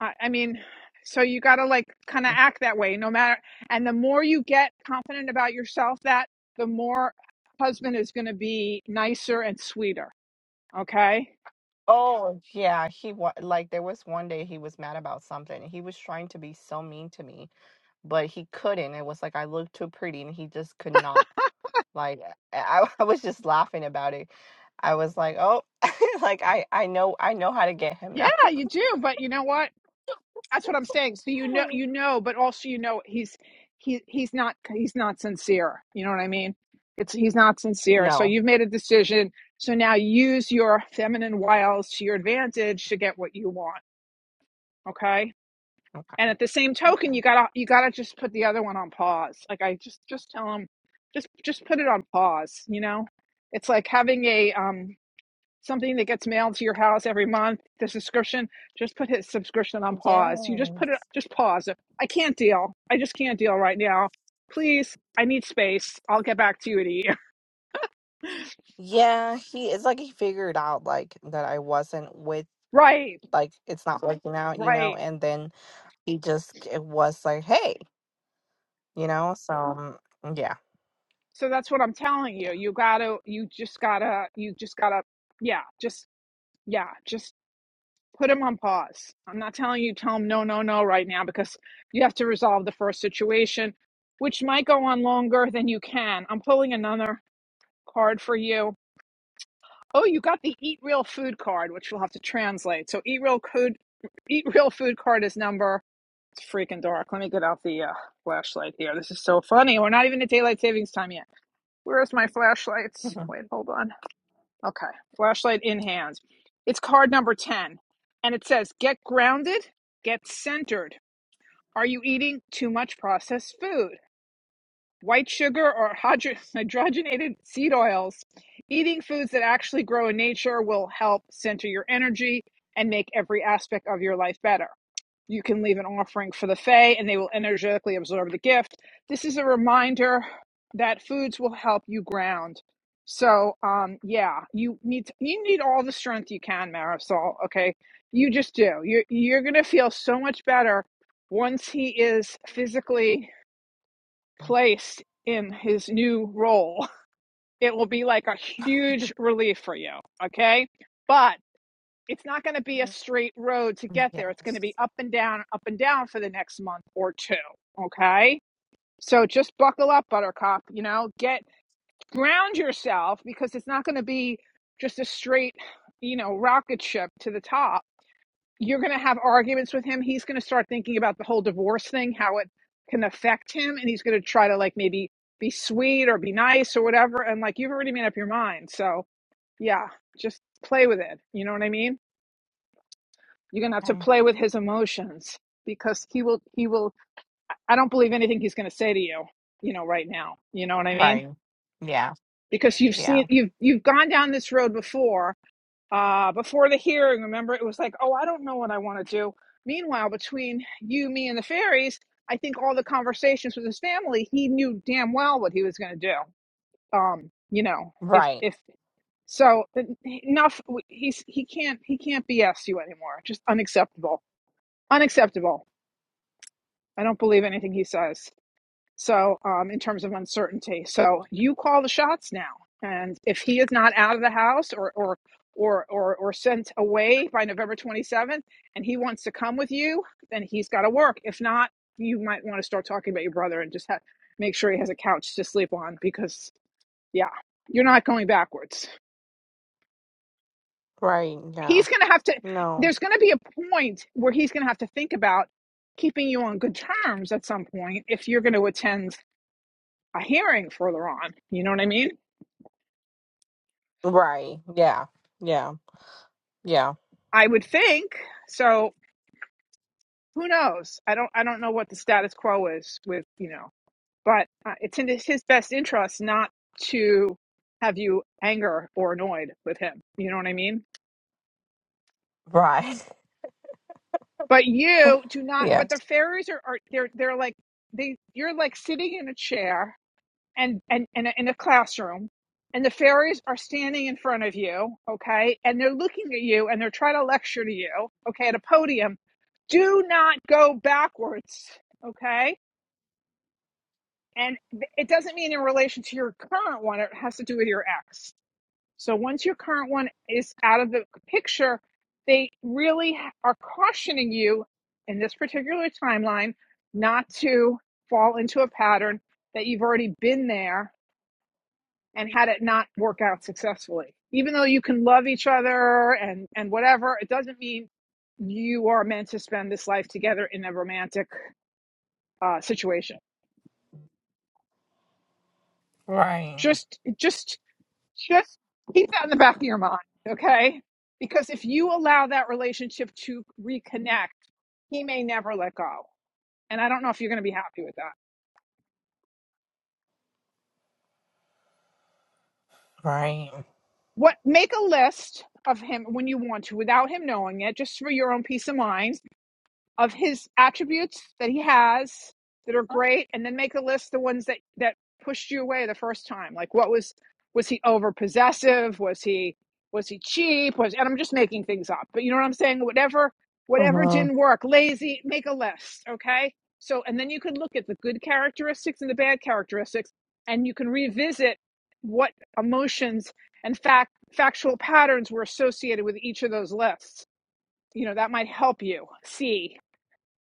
Speaker 1: I, I mean, so you got to like kind of act that way no matter. And the more you get confident about yourself, that the more husband is going to be nicer and sweeter. Okay.
Speaker 5: Oh, yeah, he was like there was one day he was mad about something. He was trying to be so mean to me but he couldn't. It was like I looked too pretty and he just could not. Like I, I was just laughing about it. I was like, oh, like I, I know, I know how to get him now.
Speaker 1: Yeah, you do. But you know what? that's what I'm saying. So you know, you know, but also you know he's he he's not he's not sincere. You know what I mean? It's he's not sincere. So
Speaker 5: no.
Speaker 1: you've made a decision. So now use your feminine wiles to your advantage to get what you want. Okay.
Speaker 5: Okay.
Speaker 1: And at the same token,
Speaker 5: Okay.
Speaker 1: you gotta you gotta just put the other one on pause. Like I just just tell him, just just put it on pause. You know, it's like having a um something that gets mailed to your house every month, the subscription, just put his subscription on
Speaker 5: Yes.
Speaker 1: pause. You just put it, just pause it. I can't deal. I just can't deal right now. Please, I need space. I'll get back to you in a year.
Speaker 5: Yeah, he it's like he figured out like that I wasn't with
Speaker 1: right,
Speaker 5: like it's not working out, you know,
Speaker 1: right.
Speaker 5: and then he just it was like, hey, you know, so um, yeah,
Speaker 1: So that's what I'm telling
Speaker 5: yeah.
Speaker 1: you. You gotta, you just gotta, you just gotta, yeah, just, yeah, just put him on pause. I'm not telling you tell him no, no, no right now because you have to resolve the first situation, which might go on longer than you can. I'm pulling another card for you Oh, you got the Eat Real Food card, which we'll have to translate. So Eat Real Food, Eat Real Food card is number. It's freaking dark. Let me get out the uh, flashlight here. This is so funny. We're not even at daylight savings time yet. Where's my flashlights?
Speaker 5: Mhm.
Speaker 1: Wait, hold on. Okay, flashlight in hand. It's card number ten, and it says, "Get grounded, get centered. Are you eating too much processed food?" white sugar or hydro- hydrogenated seed oils. Eating foods that actually grow in nature will help center your energy and make every aspect of your life better. You can leave an offering for the Fae and they will energetically absorb the gift. This is a reminder that foods will help you ground. So, um, yeah, you need to, you need all the strength you can, Marisol. Okay, you just do. You're you're gonna feel so much better once he is physically placed in his new role. It will be like a huge relief for you. Okay. But it's not going to be a straight road to get there. It's going
Speaker 5: yes.
Speaker 1: to be up and down, up and down for the next month or two. Okay. So just buckle up, Buttercup. You know, get ground yourself because it's not going to be just a straight, you know, rocket ship to the top you're going to have arguments with him. He's going to start thinking about the whole divorce thing, how it can affect him, and he's going to try to like maybe be sweet or be nice or whatever. And like you've already made up your mind, so yeah, just play with it. You know what I mean? You're going to have to
Speaker 5: Okay.
Speaker 1: play with his emotions because he will. He will. I don't believe anything he's going to say to you. You know, right now. You know what I mean?
Speaker 5: Right. Yeah.
Speaker 1: Because you've
Speaker 5: Yeah.
Speaker 1: seen you've you've gone down this road before uh, before the hearing, remember, it was like, oh, I don't know what I want to do. Meanwhile, between you, me, and the fairies, I think all the conversations with his family, he knew damn well what he was going to do. Um, you know, if
Speaker 5: Right.
Speaker 1: if so, enough. He's he can't he can't BS you anymore. Just unacceptable, unacceptable. I don't believe anything he says. So, um, in terms of uncertainty, so you call the shots now, and if he is not out of the house or or or or, or sent away by November twenty seventh, and he wants to come with you, then he's got to work. If not, you might want to start talking about your brother and just ha- make sure he has a couch to sleep on because yeah, you're not going backwards.
Speaker 5: Right. Yeah.
Speaker 1: He's going to have to.
Speaker 5: No.
Speaker 1: There's going to be a point where he's going to have to think about keeping you on good terms at some point if you're going to attend a hearing further on. You know what I mean?
Speaker 5: Right. Yeah. Yeah. Yeah.
Speaker 1: I would think. So who knows? I don't. I don't know what the status quo is with you know. But uh, it's in his best interest not to have you anger or annoyed with him. You know what I mean?
Speaker 5: Right.
Speaker 1: But you do not.
Speaker 5: Yeah.
Speaker 1: But the fairies are, are they're they're like they. You're like sitting in a chair and and, and in a classroom and the fairies are standing in front of you okay and they're looking at you and they're trying to lecture to you okay at a podium do not go backwards okay and it doesn't mean in relation to your current one it has to do with your ex so once your current one is out of the picture they really are cautioning you in this particular timeline not to fall into a pattern that you've already been there and had it not work out successfully. Even though you can love each other and and whatever, it doesn't mean you are meant to spend this life together in a romantic uh, situation.
Speaker 5: Right.
Speaker 1: Just just just keep that in the back of your mind, okay? Because if you allow that relationship to reconnect, he may never let go. And I don't know if you're going to be happy with that.
Speaker 5: Right.
Speaker 1: What make a list of him when you want to without him knowing it, just for your own peace of mind of his attributes that he has that are great and then make a list of the ones that that pushed you away the first time like what was was he over possessive was he was he cheap was and i'm just making things up but you know what i'm saying whatever whatever
Speaker 5: Uh-huh.
Speaker 1: didn't work lazy make a list okay so and then you can look at the good characteristics and the bad characteristics and you can revisit what emotions and fact factual patterns were associated with each of those lists you know that might help you see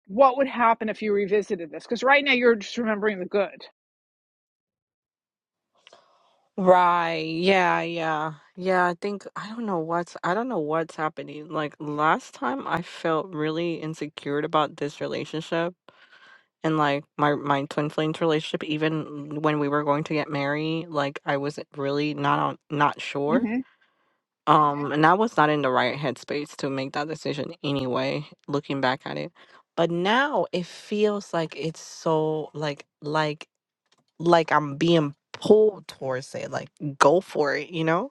Speaker 1: what would happen if you revisited this? Because right now you're just remembering the good.
Speaker 5: Right. Yeah. Yeah. Yeah. I think I don't know what's I don't know what's happening. Like last time, I felt really insecure about this relationship and like my my twin flames relationship. Even when we were going to get married, like I was really not on, not sure.
Speaker 1: hmm
Speaker 5: Um, and I was not in the right headspace to make that decision anyway, looking back at it. But now it feels like it's so like like like I'm being pulled towards it, like go for it, you know?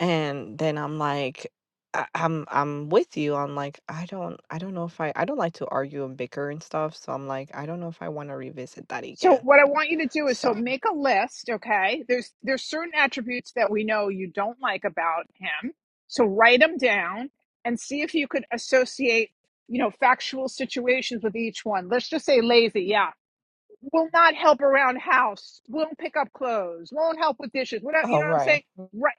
Speaker 5: And then I'm like I, I'm I'm with you. I'm like, I don't I don't know if I I don't like to argue and bicker and stuff. So I'm like, I don't know if I want to revisit that
Speaker 1: So
Speaker 5: again.
Speaker 1: what I want you to do is
Speaker 5: So
Speaker 1: so make a list, okay? There's there's certain attributes that we know you don't like about him. So write them down and see if you could associate, you know, factual situations with each one. Let's just say lazy, yeah. Will not help around house, won't pick up clothes, won't help with dishes. Whatever, you
Speaker 5: Oh
Speaker 1: know what I'm
Speaker 5: right.
Speaker 1: saying? right.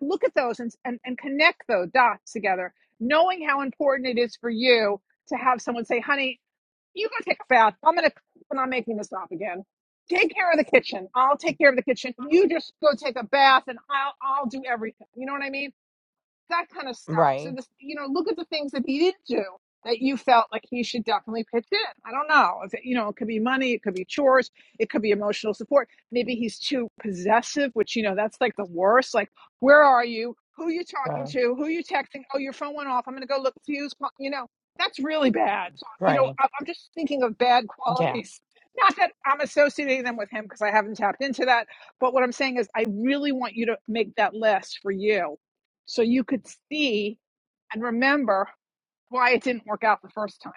Speaker 1: look at those and, and, and connect those dots together, knowing how important it is for you to have someone say, honey, you go take a bath. I'm going to, I'm not making this up again. Take care of the kitchen. I'll take care of the kitchen. You just go take a bath and I'll, I'll do everything. You know what I mean? that kind of stuff.
Speaker 5: Right.
Speaker 1: So this, you know, look at the things that he did not do that you felt like he should definitely pitch in. I don't know if it, you know, it could be money, it could be chores, it could be emotional support. Maybe he's too possessive, which you know that's like the worst. Like, where are you? Who are you talking
Speaker 5: Right.
Speaker 1: to? Who are you texting? Oh, your phone went off. I'm gonna go look see who's you know. That's really bad. So, you know,
Speaker 5: Right.
Speaker 1: I'm just thinking of bad
Speaker 5: Yeah.
Speaker 1: qualities. Not that I'm associating them with him because I haven't tapped into that. But what I'm saying is, I really want you to make that list for you so you could see and remember why it didn't work out the first time.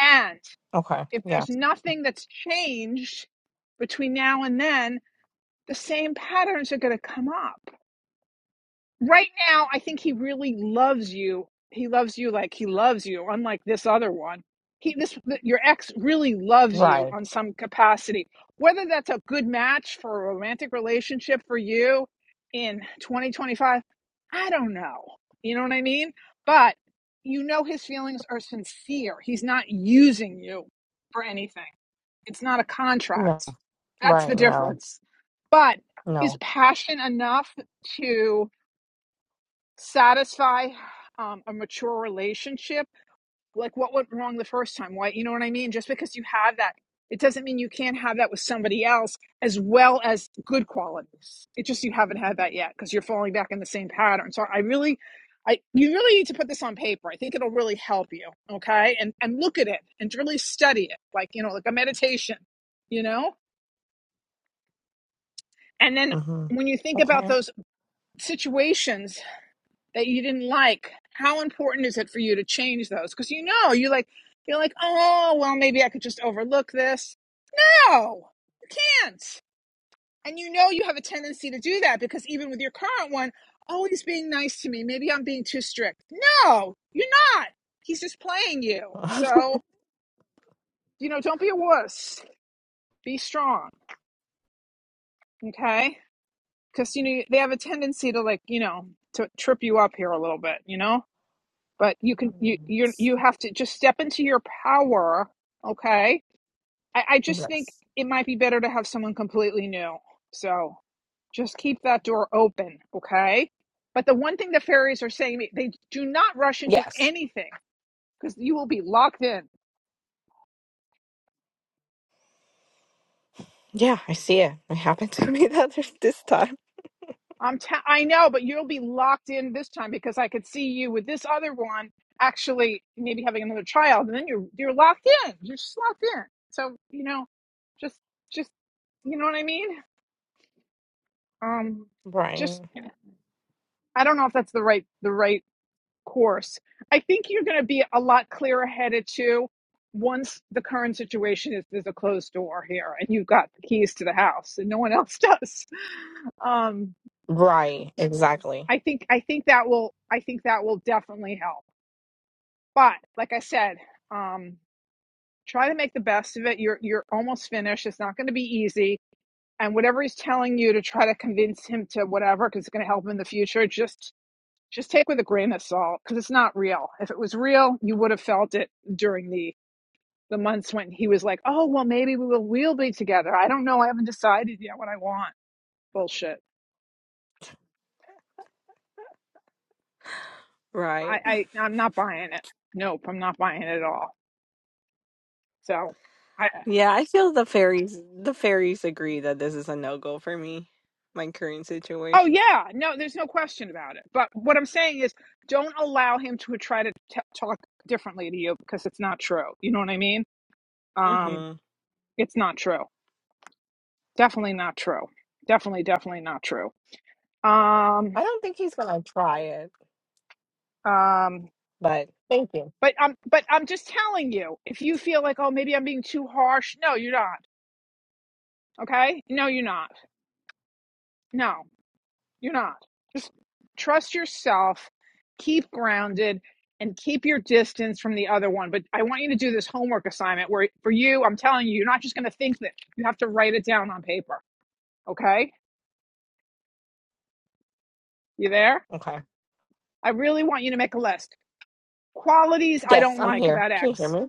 Speaker 1: And
Speaker 5: Okay.
Speaker 1: if
Speaker 5: Yeah.
Speaker 1: there's nothing that's changed between now and then, the same patterns are going to come up. right now i think he really loves you he loves you like he loves you unlike this other one he this your ex really loves you
Speaker 5: Right.
Speaker 1: on some capacity whether that's a good match for a romantic relationship for you in 2025 i don't know you know what i mean but you know his feelings are sincere he's not using you for anything it's not a contract that's the
Speaker 5: Right. No.
Speaker 1: difference but is
Speaker 5: No.
Speaker 1: passion enough to satisfy um, a mature relationship like what went wrong the first time why you know what i mean just because you have that it doesn't mean you can't have that with somebody else as well as good qualities it just you haven't had that yet because you're falling back in the same pattern so i really i you really need to put this on paper i think it'll really help you okay and and look at it and really study it like you know like a meditation you know and then
Speaker 5: hmm
Speaker 1: when you think about
Speaker 5: Okay.
Speaker 1: those situations that you didn't like how important is it for you to change those because you know you like you're like oh well maybe i could just overlook this no you can't and you know you have a tendency to do that because even with your current one oh he's being nice to me maybe i'm being too strict no you're not he's just playing you so you know don't be a wuss be strong okay because you know they have a tendency to like you know to trip you up here a little bit you know but you can you you you have to just step into your power okay I, I just think
Speaker 5: yes.
Speaker 1: it might be better to have someone completely new so just keep that door open okay but the one thing the fairies are saying to me they do not rush into
Speaker 5: Yes.
Speaker 1: anything because you will be locked in
Speaker 5: Yeah, I see it. It happened to me the other this time.
Speaker 1: i'm t- i know but you'll be locked in this time because i could see you with this other one actually maybe having another child and then you're you're locked in you're just locked in so you know just just you know what i mean um
Speaker 5: Right.
Speaker 1: just i don't know if that's the right the right course i think you're going to be a lot clearer headed too once the current situation is there's a closed door here and you've got the keys to the house and no one else does um
Speaker 5: Right. Exactly.
Speaker 1: i think i think that will i think that will definitely help but like i said um try to make the best of it you're you're almost finished it's not going to be easy and whatever he's telling you to try to convince him to whatever because it's going to help him in the future just just take with a grain of salt because it's not real. If it was real, you would have felt it during the the months when he was like, "Oh, well, maybe we will we'll be together." I don't know. I haven't decided yet what I want. Bullshit.
Speaker 5: Right.
Speaker 1: I, I I'm not buying it. Nope, I'm not buying it at all. So, I
Speaker 5: Yeah, I feel the fairies the fairies agree that this is a no go for me. My current
Speaker 1: oh
Speaker 5: situation.
Speaker 1: yeah, no, there's no question about it. But what I'm saying is, don't allow him to try to t- talk differently to you because it's not true. You know what I mean? Um,
Speaker 5: Mm-hmm.
Speaker 1: it's not true. Definitely not true. Definitely, definitely not true. Um,
Speaker 5: I don't think he's gonna try it,
Speaker 1: Um,
Speaker 5: but thank you.
Speaker 1: but I'm but I'm just telling you, if you feel like oh maybe I'm being too harsh, no, you're not. Okay? No, you're not. No, you're not. Just trust yourself, keep grounded, and keep your distance from the other one. But I want you to do this homework assignment where for you, I'm telling you, you're not just gonna think that you have to write it down on paper. Okay? You there?
Speaker 5: Okay.
Speaker 1: I really want you to make a list. Qualities I
Speaker 5: Yes,
Speaker 1: don't
Speaker 5: I'm
Speaker 1: like
Speaker 5: here.
Speaker 1: about
Speaker 5: Can you hear
Speaker 1: X.
Speaker 5: me?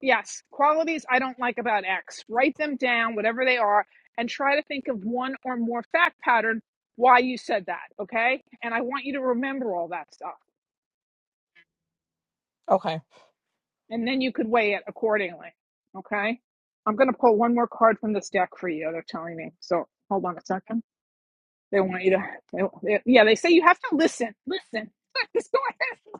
Speaker 1: Yes, qualities I don't like about X. Write them down, whatever they are, and try to think of one or more fact pattern why you said that, okay? And I want you to remember all that stuff.
Speaker 5: Okay.
Speaker 1: And then you could weigh it accordingly, okay? I'm going to pull one more card from this deck for you, they're telling me. So hold on a second. They want you to, they, they- yeah, they say you have to listen. Listen. Just go ahead.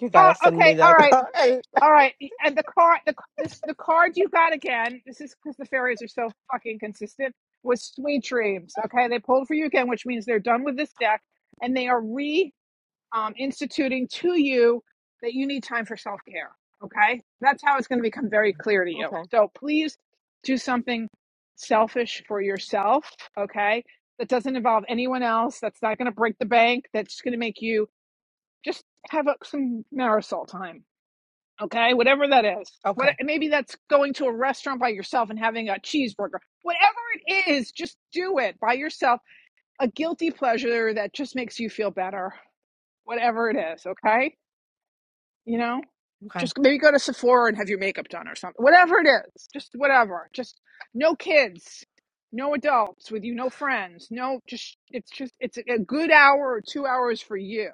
Speaker 5: You gotta
Speaker 1: Uh,
Speaker 5: send me
Speaker 1: okay, all
Speaker 5: that.
Speaker 1: right.
Speaker 5: okay.
Speaker 1: All right, and the card, the this the card you got again. This is because the fairies are so fucking consistent. Was Sweet Dreams? Okay, they pulled for you again, which means they're done with this deck, and they are re um, instituting to you that you need time for self care. Okay, that's how it's going to become very clear to you.
Speaker 5: Okay.
Speaker 1: So please do something selfish for yourself. Okay, that doesn't involve anyone else. That's not going to break the bank. That's going to make you just have uh, some marisol time okay whatever that is what
Speaker 5: Okay.
Speaker 1: maybe that's going to a restaurant by yourself and having a cheeseburger whatever it is just do it by yourself a guilty pleasure that just makes you feel better whatever it is okay you know
Speaker 5: Okay.
Speaker 1: just maybe go to Sephora and have your makeup done or something whatever it is just whatever just no kids no adults with you no friends no just it's just it's a good hour or 2 hours for you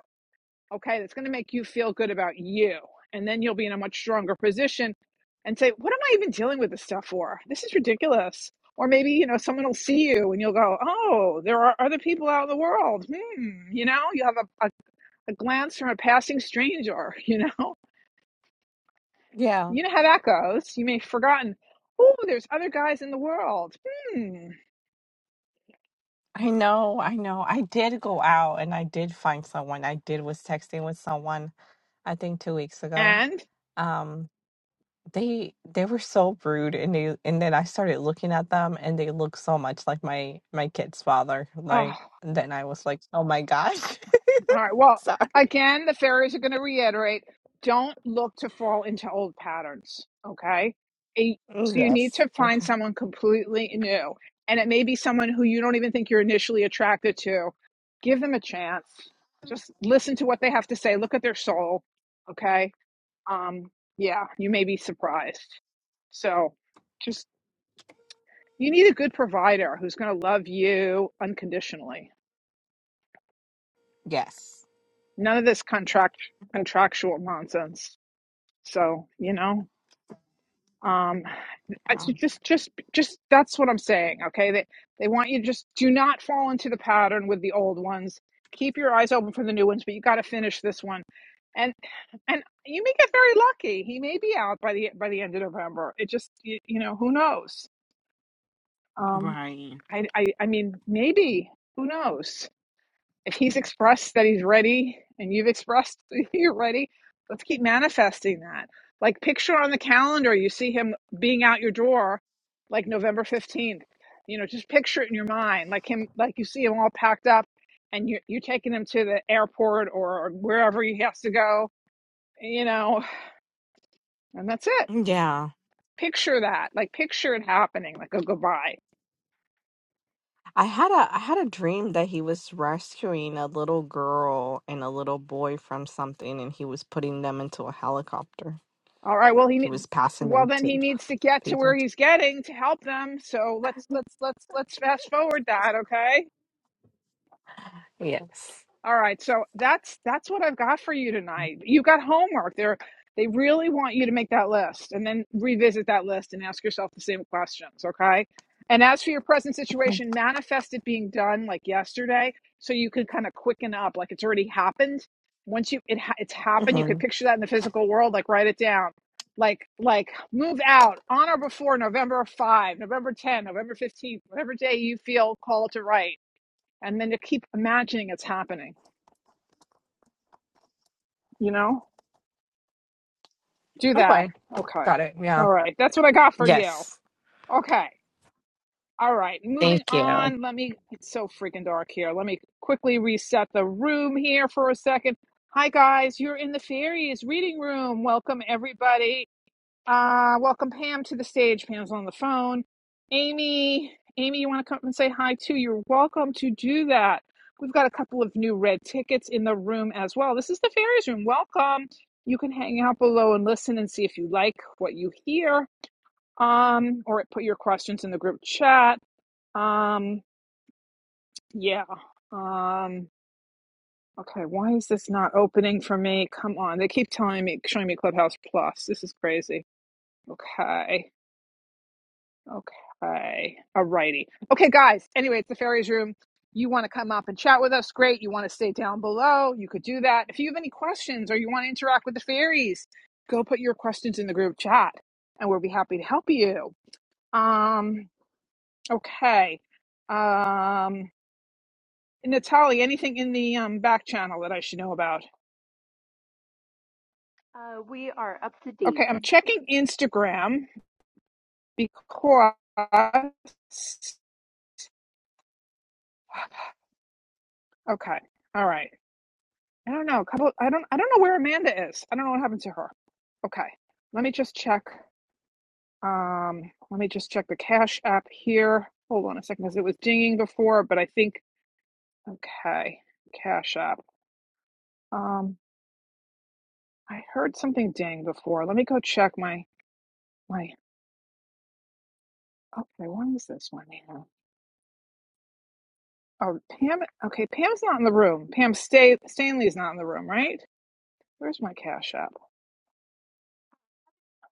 Speaker 1: okay that's going to make you feel good about you and then you'll be in a much stronger position and say what am i even dealing with this stuff for this is ridiculous or maybe you know someone will see you and you'll go oh there are other people out in the world hmm you know you have a, a, a glance from a passing stranger you know
Speaker 5: Yeah.
Speaker 1: you know how that goes you may have forgotten oh there's other guys in the world hmm
Speaker 5: I know, I know. I did go out and I did find someone. I did was texting with someone, I think two weeks ago.
Speaker 1: and
Speaker 5: Um, they they were so rude and they and then I started looking at them and they look so much like my my kid's father. Like
Speaker 1: oh
Speaker 5: then I was like, Oh my gosh.
Speaker 1: All right. Well,
Speaker 5: Sorry.
Speaker 1: again, the fairies are going to reiterate don't look to fall into old patterns. Okay. A-
Speaker 5: Mm,
Speaker 1: So you need
Speaker 5: Yes.
Speaker 1: to find
Speaker 5: Okay.
Speaker 1: someone completely new. And it may be someone who you don't even think you're initially attracted to. Give them a chance. Just listen to what they have to say. Look at their soul. Okay. Um, yeah, you may be surprised. So just, you need a good provider who's going to love you unconditionally.
Speaker 5: Yes.
Speaker 1: None of this contract contractual nonsense. So, you know, um, I-
Speaker 5: Yeah.
Speaker 1: so just, just, just that's what I'm saying. Okay. They, they want you to just do not fall into the pattern with the old ones. Keep your eyes open for the new ones, but you got to finish this one. And, and you may get very lucky. He may be out by the, by the end of November. It just, you, you know, who knows? Um,
Speaker 5: Right.
Speaker 1: I, I, I mean, maybe, who knows? if he's expressed that he's ready and you've expressed that you're ready, let's keep manifesting that. Like picture on the calendar, you see him being out your door like November 15th. You know, just picture it in your mind, like him, like you see him all packed up and you, you're taking him to the airport or wherever he has to go, you know, and that's it.
Speaker 5: Yeah.
Speaker 1: Picture that, like picture it happening, like a goodbye.
Speaker 5: I had a I had a dream that he was rescuing a little girl and a little boy from something and he was putting them into a helicopter.
Speaker 1: All right. Well, he
Speaker 5: He
Speaker 1: need,
Speaker 5: was passing
Speaker 1: well
Speaker 5: them
Speaker 1: then he
Speaker 5: to
Speaker 1: needs to get to where
Speaker 5: people.
Speaker 1: he's getting to help them. So let's let's let's let's fast forward that. Okay.
Speaker 5: Yes.
Speaker 1: All right, so that's that's what I've got for you tonight. You got homework. They are they really want you to make that list and then revisit that list and ask yourself the same questions, okay? And as for your present
Speaker 5: Okay.
Speaker 1: situation, manifest it being done like yesterday so you can kind of quicken up like it's already happened. Once you it ha- it's happened, you could
Speaker 5: hmm
Speaker 1: picture that in the physical world, like write it down. Like like move out on or before November 5, November 10, November 15th, whatever day you feel called to write and then to keep imagining it's happening you know, do that.
Speaker 5: Okay.
Speaker 1: Okay.
Speaker 5: Got it. Yeah.
Speaker 1: All right. That's what I got for you.
Speaker 5: Yes.
Speaker 1: Okay. All right. Moving
Speaker 5: Thank you.
Speaker 1: on. Let me, it's so freaking dark here. Let me quickly reset the room here for a second. Hi, guys. You're in the fairies reading room. Welcome, everybody. Uh, welcome Pam to the stage. Pam's on the phone. Amy, Amy, you want to come up and say hi too? You're welcome to do that. We've got a couple of new red tickets in the room as well. This is the fairies room. Welcome. You can hang out below and listen and see if you like what you hear. Um, or put your questions in the group chat. Um, yeah. Um, okay. Why is this not opening for me? Come on. They keep telling me, showing me Clubhouse Plus. This is crazy. Okay. Okay. Alrighty. Okay, guys. Anyway, it's the fairies room. You want to come up and chat with us? Great. You want to stay down below? You could do that. If you have any questions or you want to interact with the fairies, go put your questions in the group chat and we'll be happy to help you. Um, okay. Um, Natalie, anything in the um, back channel that I should know about?
Speaker 3: Uh, we are up to
Speaker 1: Okay,
Speaker 3: date.
Speaker 1: I'm checking Instagram because. Okay, all right. I don't know. A Couple. I don't. I don't know where Amanda is. I don't know what happened to her. Okay. Let me just check. Um. Let me just check the Cash App here. Hold on a second, because it was dinging before, but I think. Okay. Cash App. Um. I heard something ding before. Let me go check my my. Okay. What is this one here? Oh, Pam. Okay. Pam's not in the room. Pam Stay, Stanley's not in the room, right? Where's my Cash App?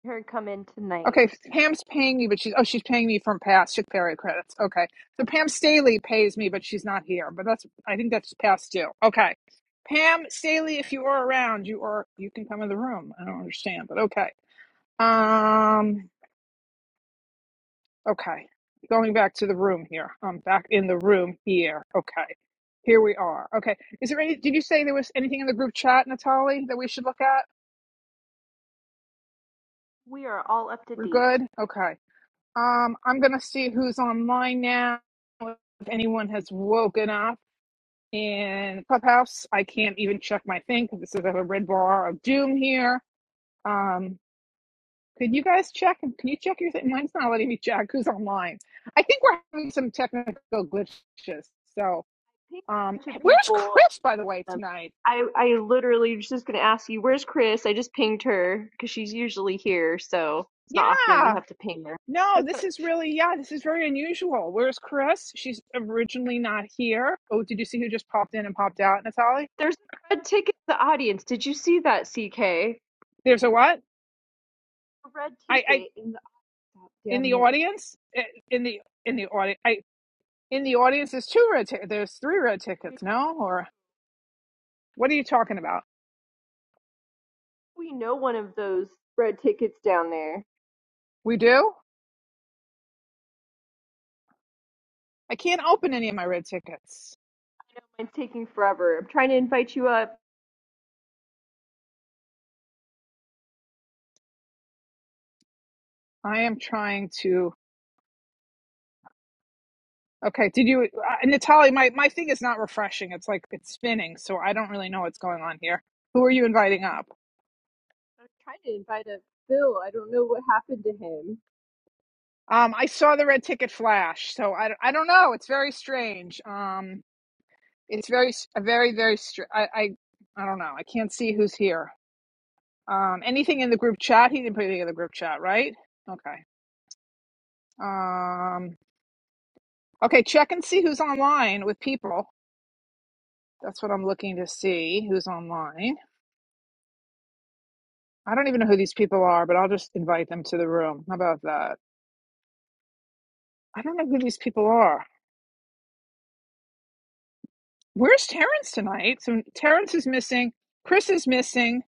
Speaker 3: Her come in tonight.
Speaker 1: Okay, Pam's paying me, but she's oh, she's paying me from past shift period credits. Okay, so Pam Staley pays me, but she's not here. But that's I think that's past due. Okay, Pam Staley, if you are around, you are you can come in the room. I don't understand, but okay. Um, okay, going back to the room here. I'm back in the room here. Okay, here we are. Okay, is there any? Did you say there was anything in the group chat, Natalie, that we should look at?
Speaker 3: We are all up to
Speaker 1: We're
Speaker 3: date.
Speaker 1: good. Okay. Um, I'm gonna see who's online now. If anyone has woken up in Clubhouse, I can't even check my thing because this is a red bar of doom here. Um, could you guys check? Can you check your thing? Mine's not letting me check who's online. I think we're having some technical glitches. So,
Speaker 3: Pinged a
Speaker 1: um,
Speaker 3: bunch of
Speaker 1: where's
Speaker 3: people.
Speaker 1: Chris by the way
Speaker 3: Um,
Speaker 1: tonight?
Speaker 3: I I literally was just gonna ask you, where's Chris? I just pinged her because she's usually here, so it's not often we
Speaker 1: Yeah.
Speaker 3: have to ping her.
Speaker 1: No, this is really yeah, this is very unusual. Where's Chris? She's originally not here. Oh, did you see who just popped in and popped out, Natalie?
Speaker 3: There's a red ticket in the audience. Did you see that, CK? A
Speaker 1: There's a what?
Speaker 3: red
Speaker 1: I, I
Speaker 3: ticket in the
Speaker 1: in
Speaker 3: down
Speaker 1: the
Speaker 3: there.
Speaker 1: audience Eh, in the in the audience I in the audience there's two red tickets. There's three red tickets. No, or what are you talking about?
Speaker 3: We know one of those red tickets down there.
Speaker 1: We do. I can't open any of my red tickets.
Speaker 3: Mine's taking forever. I'm trying to invite you up.
Speaker 1: I am trying to. Okay, did you, uh, Natalie? My my thing is not refreshing. It's like it's spinning, so I don't really know what's going on here. Who are you inviting up?
Speaker 3: I'm trying to invite up Phil. I don't know what happened to him.
Speaker 1: Um, I saw the red ticket flash, so I, I don't know. It's very strange. Um, it's very s- very very str- I, I I don't know. I can't see who's here. Um, anything in the group chat? He didn't put anything in the group chat, right? Okay. Um, okay, check and see who's online with people. That's what I'm looking to see who's online. I don't even know who these people are, but I'll just invite them to the room. How about that? I don't know who these people are. Where's Terrence tonight? So Terrence is missing. Chris is missing.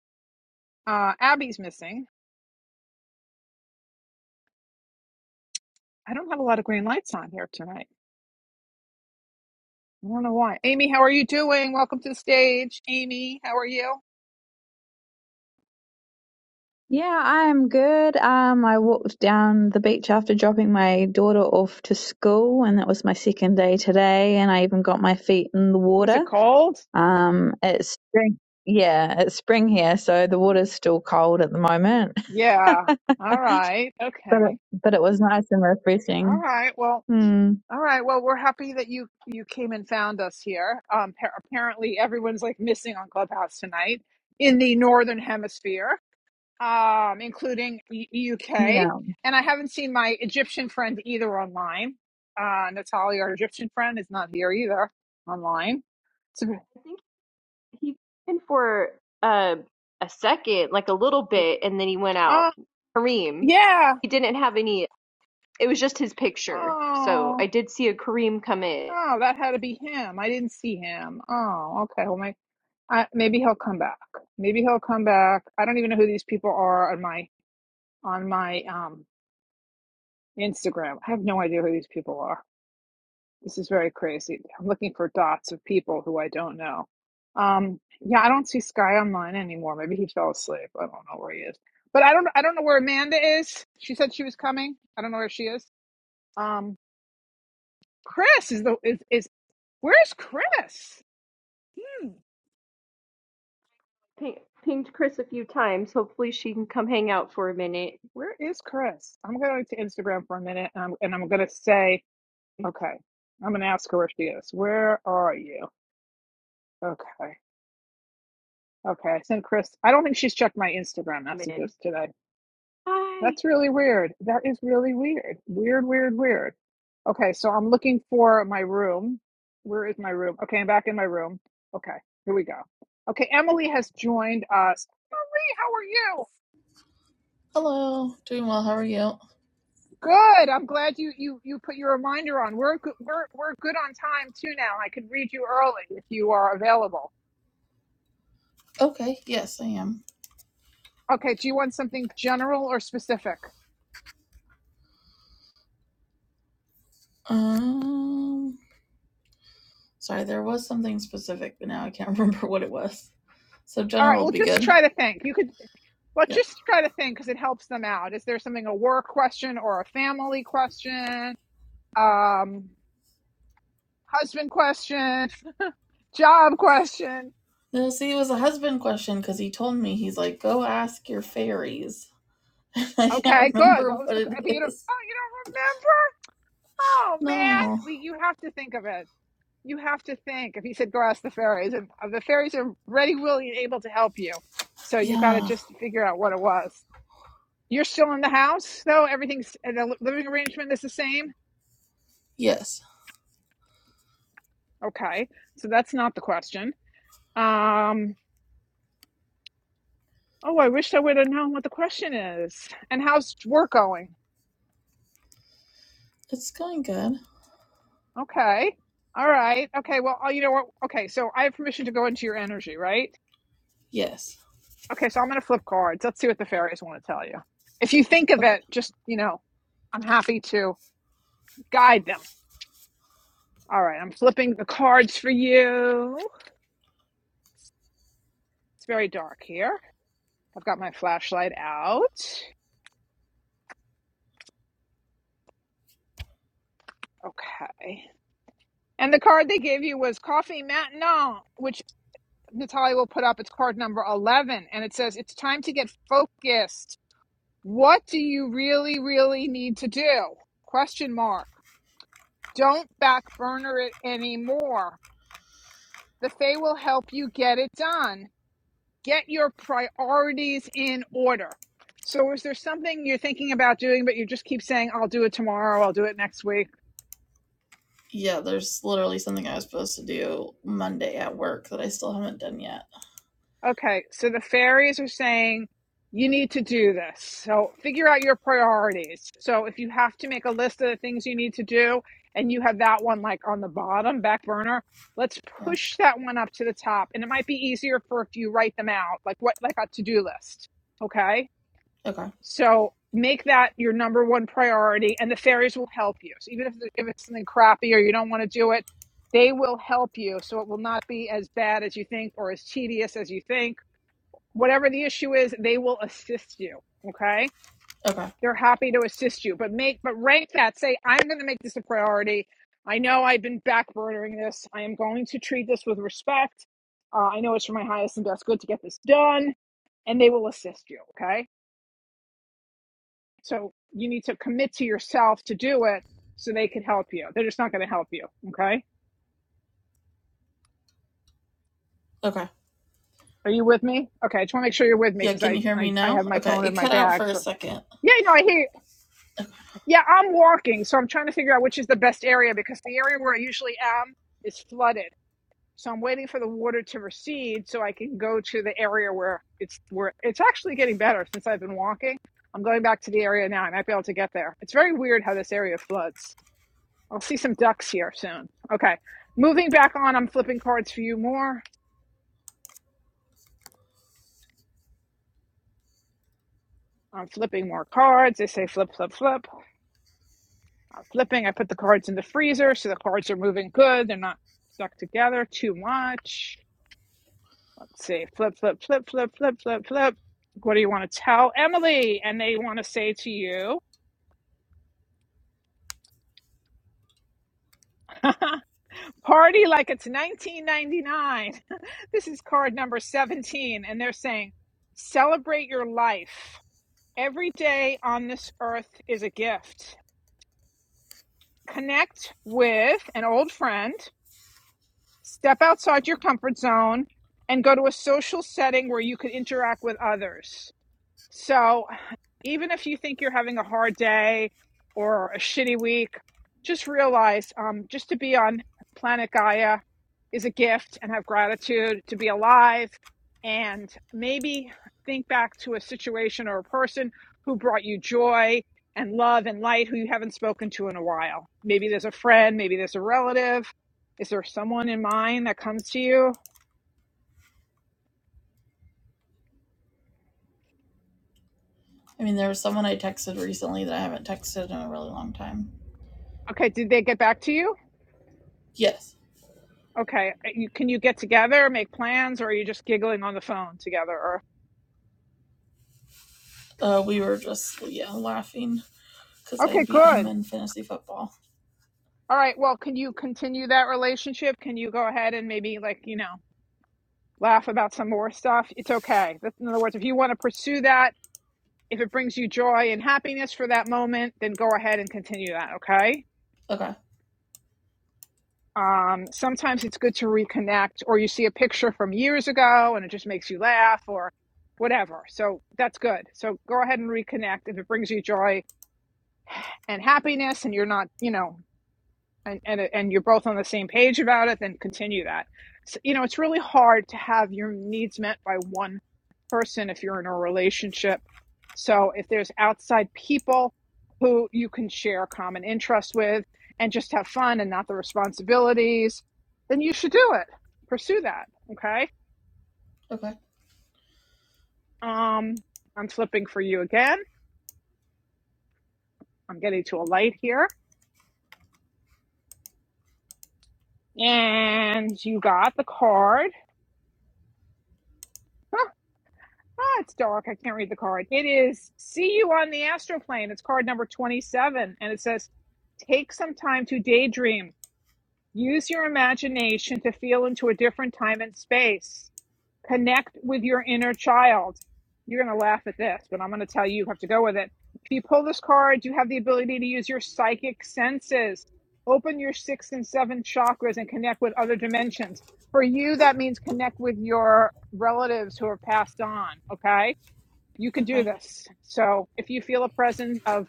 Speaker 1: Uh, Abby's missing. I don't have a lot of green lights on here tonight. I don't know why. Amy, how are you doing? Welcome to the stage. Amy, how are you?
Speaker 6: Yeah, I'm good. Um, I walked down the beach after dropping my daughter off to school, and that was my second day today. And I even got my feet in the
Speaker 1: Was it
Speaker 6: water.
Speaker 1: cold?
Speaker 6: Um, it's spring. Yeah, it's spring here, so the water's still cold at the moment,
Speaker 1: Yeah. All right.
Speaker 6: but
Speaker 1: Okay.
Speaker 6: it, but it was nice and
Speaker 1: All
Speaker 6: refreshing.
Speaker 1: right. Well,
Speaker 6: Hmm.
Speaker 1: all right. Well, we're happy that you you came and found us here. Um pa- apparently everyone's like missing on Clubhouse tonight in the northern hemisphere, um including E- UK. And I haven't seen my Egyptian friend either online. Uh Natalia, our Egyptian friend, is not here either online. So,
Speaker 3: I think he came in for uh, a second, like a little bit, and then he went out.
Speaker 1: oh,
Speaker 3: Kareem.
Speaker 1: yeah.
Speaker 3: He didn't have any. It was just his picture. So I
Speaker 1: Oh.
Speaker 3: did see a Kareem come in.
Speaker 1: Oh, that had to be him. I didn't see him. Oh, okay. Well, my I, maybe he'll come back. Maybe he'll come back. I don't even know who these people are on my on my um Instagram. I have no idea who these people are. This is very crazy. I'm looking for dots of people who I don't know. Um, yeah, I don't see Sky online anymore. Maybe he fell asleep. I don't know where he is. But I don't I don't know where Amanda is. She said she was coming. I don't know where she is. Um, Chris is the is is where's Chris? Hmm.
Speaker 3: Ping, pinged Chris a few times. Hopefully she can come hang out for a minute.
Speaker 1: Where is Chris? I'm going to Instagram for a minute, and I'm, and I'm going to say Okay. I'm gonna ask her where she is. Where are you? Okay. Okay. I sent Chris. I don't think she's checked my Instagram
Speaker 3: Man.
Speaker 1: messages today.
Speaker 3: Hi.
Speaker 1: That's really weird. That is really weird. Weird, weird, weird. Okay, so I'm looking for my room. Where is my room? Okay, I'm back in my room. Okay, here we go. Okay, Emily has joined us. Hey, how are you?
Speaker 7: Hello, doing well. How are you?
Speaker 1: Good. I'm glad you you you put your reminder on. We're go- we're we're good on time too now. I could read you early if you are available.
Speaker 7: Okay, yes, I am.
Speaker 1: Okay, do you want something general or specific?
Speaker 7: Um, sorry, there was something specific, but now I can't remember what it was. So
Speaker 1: All right,
Speaker 7: general
Speaker 1: well,
Speaker 7: would be
Speaker 1: just
Speaker 7: good.
Speaker 1: try to think. You could, well,
Speaker 7: Yeah.
Speaker 1: just try to think because it helps them out. Is there something a work question or a family question, um, husband question, job question?
Speaker 7: No, see, it was a husband question because he told me he's like, go ask your fairies. I
Speaker 1: Okay,
Speaker 7: can't
Speaker 1: good.
Speaker 7: remember
Speaker 1: What was
Speaker 7: what
Speaker 1: the? But you
Speaker 7: it
Speaker 1: don't.
Speaker 7: is.
Speaker 1: Oh, you don't remember? Oh man,
Speaker 7: No.
Speaker 1: we, you have to think of it. You have to think. If he said, "Go ask the fairies," and uh, the fairies are ready, willing, and able to help you, so you got to
Speaker 7: Yeah.
Speaker 1: just figure out what it was. You're still in the house, though? Everything's uh, the living arrangement is the same?
Speaker 7: Yes.
Speaker 1: Okay. So that's not the question. Um, oh, I wish I would have known what the question is. And how's work going?
Speaker 7: It's going good.
Speaker 1: Okay. All right. Okay. Well, oh, you know what? Okay. So I have permission to go into your energy, right?
Speaker 7: Yes.
Speaker 1: Okay. So I'm going to flip cards. Let's see what the fairies want to tell you. If you think of
Speaker 7: Okay.
Speaker 1: it, just, you know, I'm happy to guide them. All right. I'm flipping the cards for you. It's very dark here. I've got my flashlight out. Okay. And the card they gave you was Coffee Maintenant, which Natalia will put up. It's card number 11. And it says, It's time to get focused. What do you really, really need to do? Question mark. Don't back burner it anymore. The Fae will help you get it done. Get your priorities in order. So, is there something you're thinking about doing, but you just keep saying, I'll do it tomorrow, I'll do it next week?
Speaker 7: Yeah, there's literally something I was supposed to do Monday at work that I still haven't done yet.
Speaker 1: Okay, so the fairies are saying you need to do this. So figure out your priorities. So if you have to make a list of the things you need to do and you have that one like on the bottom back burner, let's
Speaker 7: Yeah.
Speaker 1: push that one up to the top. And it might be easier for if you write them out, like what like a to-do list. Okay?
Speaker 7: Okay.
Speaker 1: So make that your number one priority and the fairies will help you. So even if if it's something crappy or you don't want to do it, they will help you. So it will not be as bad as you think or as tedious as you think whatever the issue is, they will assist you. Okay.
Speaker 7: Okay.
Speaker 1: They're happy to assist you, but make, but rank that. Say, I'm going to make this a priority. I know I've been backburnering this. I am going to treat this with respect. Uh, I know it's for my highest and best good to get this done, and they will assist you. Okay. So you need to commit to yourself to do it so they can help you. They're just not going to help you. Okay.
Speaker 7: Okay.
Speaker 1: Are you with me? Okay. I just want to make sure you're with me
Speaker 7: Yeah,
Speaker 1: because
Speaker 7: can
Speaker 1: I,
Speaker 7: you hear me
Speaker 1: I, I
Speaker 7: now?
Speaker 1: have my
Speaker 7: Okay,
Speaker 1: phone
Speaker 7: it
Speaker 1: in my
Speaker 7: cut out
Speaker 1: bag.
Speaker 7: for a
Speaker 1: So,
Speaker 7: second.
Speaker 1: yeah, no, I hear you. Yeah, I'm walking, so I'm trying to figure out which is the best area because the area where I usually am is flooded. So I'm waiting for the water to recede so I can go to the area where it's where it's actually getting better since I've been walking. I'm going back to the area now. I might be able to get there. It's very weird how this area floods. I'll see some ducks here soon. Okay. Moving back on, I'm flipping cards for you more. I'm flipping more cards. They say flip, flip, flip. I'm flipping. I put the cards in the freezer so the cards are moving good. They're not stuck together too much. Let's See flip, flip, flip, flip, flip, flip, flip. What do you want to tell Emily? And they want to say to you, party like it's 1999. this is card number 17. And they're saying, celebrate your life. Every day on this earth is a gift. Connect with an old friend, step outside your comfort zone, and go to a social setting where you can interact with others. So even if you think you're having a hard day or a shitty week, just realize um, just to be on planet Gaia is a gift and have gratitude to be alive. And maybe think back to a situation or a person who brought you joy and love and light who you haven't spoken to in a while. Maybe there's a friend, maybe there's a relative. Is there someone in mind that comes to you?
Speaker 7: I mean, there was someone I texted recently that I haven't texted in a really long time.
Speaker 1: Okay, did they get back to you?
Speaker 7: Yes,
Speaker 1: Okay. Uh, You, can you get together, make plans, or are you just giggling on the phone together? Or
Speaker 7: uh, we were just yeah laughing because I
Speaker 1: okay,
Speaker 7: beat him
Speaker 1: good.
Speaker 7: in fantasy football.
Speaker 1: All right. Well, can you continue that relationship? Can you go ahead and maybe like you know laugh about some more stuff? It's okay. That's- In other words, if you want to pursue that, if it brings you joy and happiness for that moment, then go ahead and continue that. Okay.
Speaker 7: Okay,
Speaker 1: Um, sometimes it's good to reconnect, or you see a picture from years ago and it just makes you laugh, or whatever. So that's good. So go ahead and reconnect if it brings you joy and happiness and you're not you know and and, and you're both on the same page about it then continue that so, you know it's really hard to have your needs met by one person if you're in a relationship so if there's outside people who you can share common interests with and just have fun and not the responsibilities then you should do it pursue that okay
Speaker 7: okay,
Speaker 1: um i'm flipping for you again i'm getting to a light here and you got the card Huh. Ah, it's dark. I can't read the card. It is See You on the Astroplane. It's card number 27. And it says, Take some time to daydream. Use your imagination to feel into a different time and space. Connect with your inner child. You're going to laugh at this, but I'm going to tell you, you have to go with it. If you pull this card, you have the ability to use your psychic senses. Open your sixth and seventh chakras and connect with other dimensions. For you, that means connect with your relatives who have passed on, okay? you can do
Speaker 7: okay,
Speaker 1: this. So if you feel a presence of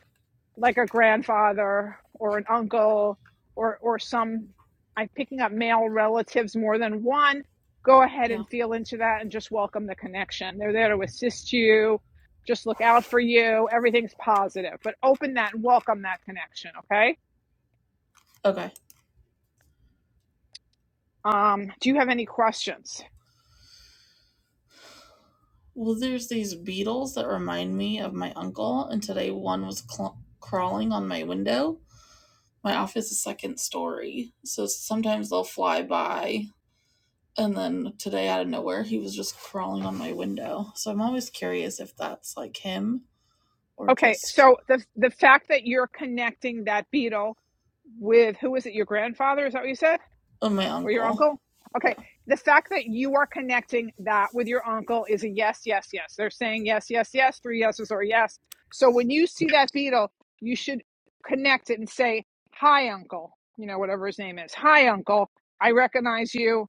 Speaker 1: like a grandfather or an uncle or or some I'm picking up male relatives more than one, go ahead
Speaker 7: yeah,
Speaker 1: and feel into that and just welcome the connection. They're there to assist you. Just look out for you. Everything's positive, but open that and welcome that connection, okay?
Speaker 7: okay.
Speaker 1: Um, do you have any questions?
Speaker 7: Well, there's these beetles that remind me of my uncle, and today one was cl- crawling on my window. My office is second story, so sometimes they'll fly by And then today, out of nowhere, he was just crawling on my window. So I'm always curious if that's like him or
Speaker 1: Okay,
Speaker 7: just
Speaker 1: so the the fact that you're connecting that beetle with who is it, your grandfather? Is that what you said?
Speaker 7: oh, my
Speaker 1: or your
Speaker 7: uncle.
Speaker 1: uncle.
Speaker 7: Yeah.
Speaker 1: Okay. The fact that you are connecting that with your uncle is a yes, yes, yes. They're saying yes, yes, yes, three yeses or yes. So when you see that beetle, you should connect it and say, Hi, uncle, you know, whatever his name is. Hi, uncle. I recognize you.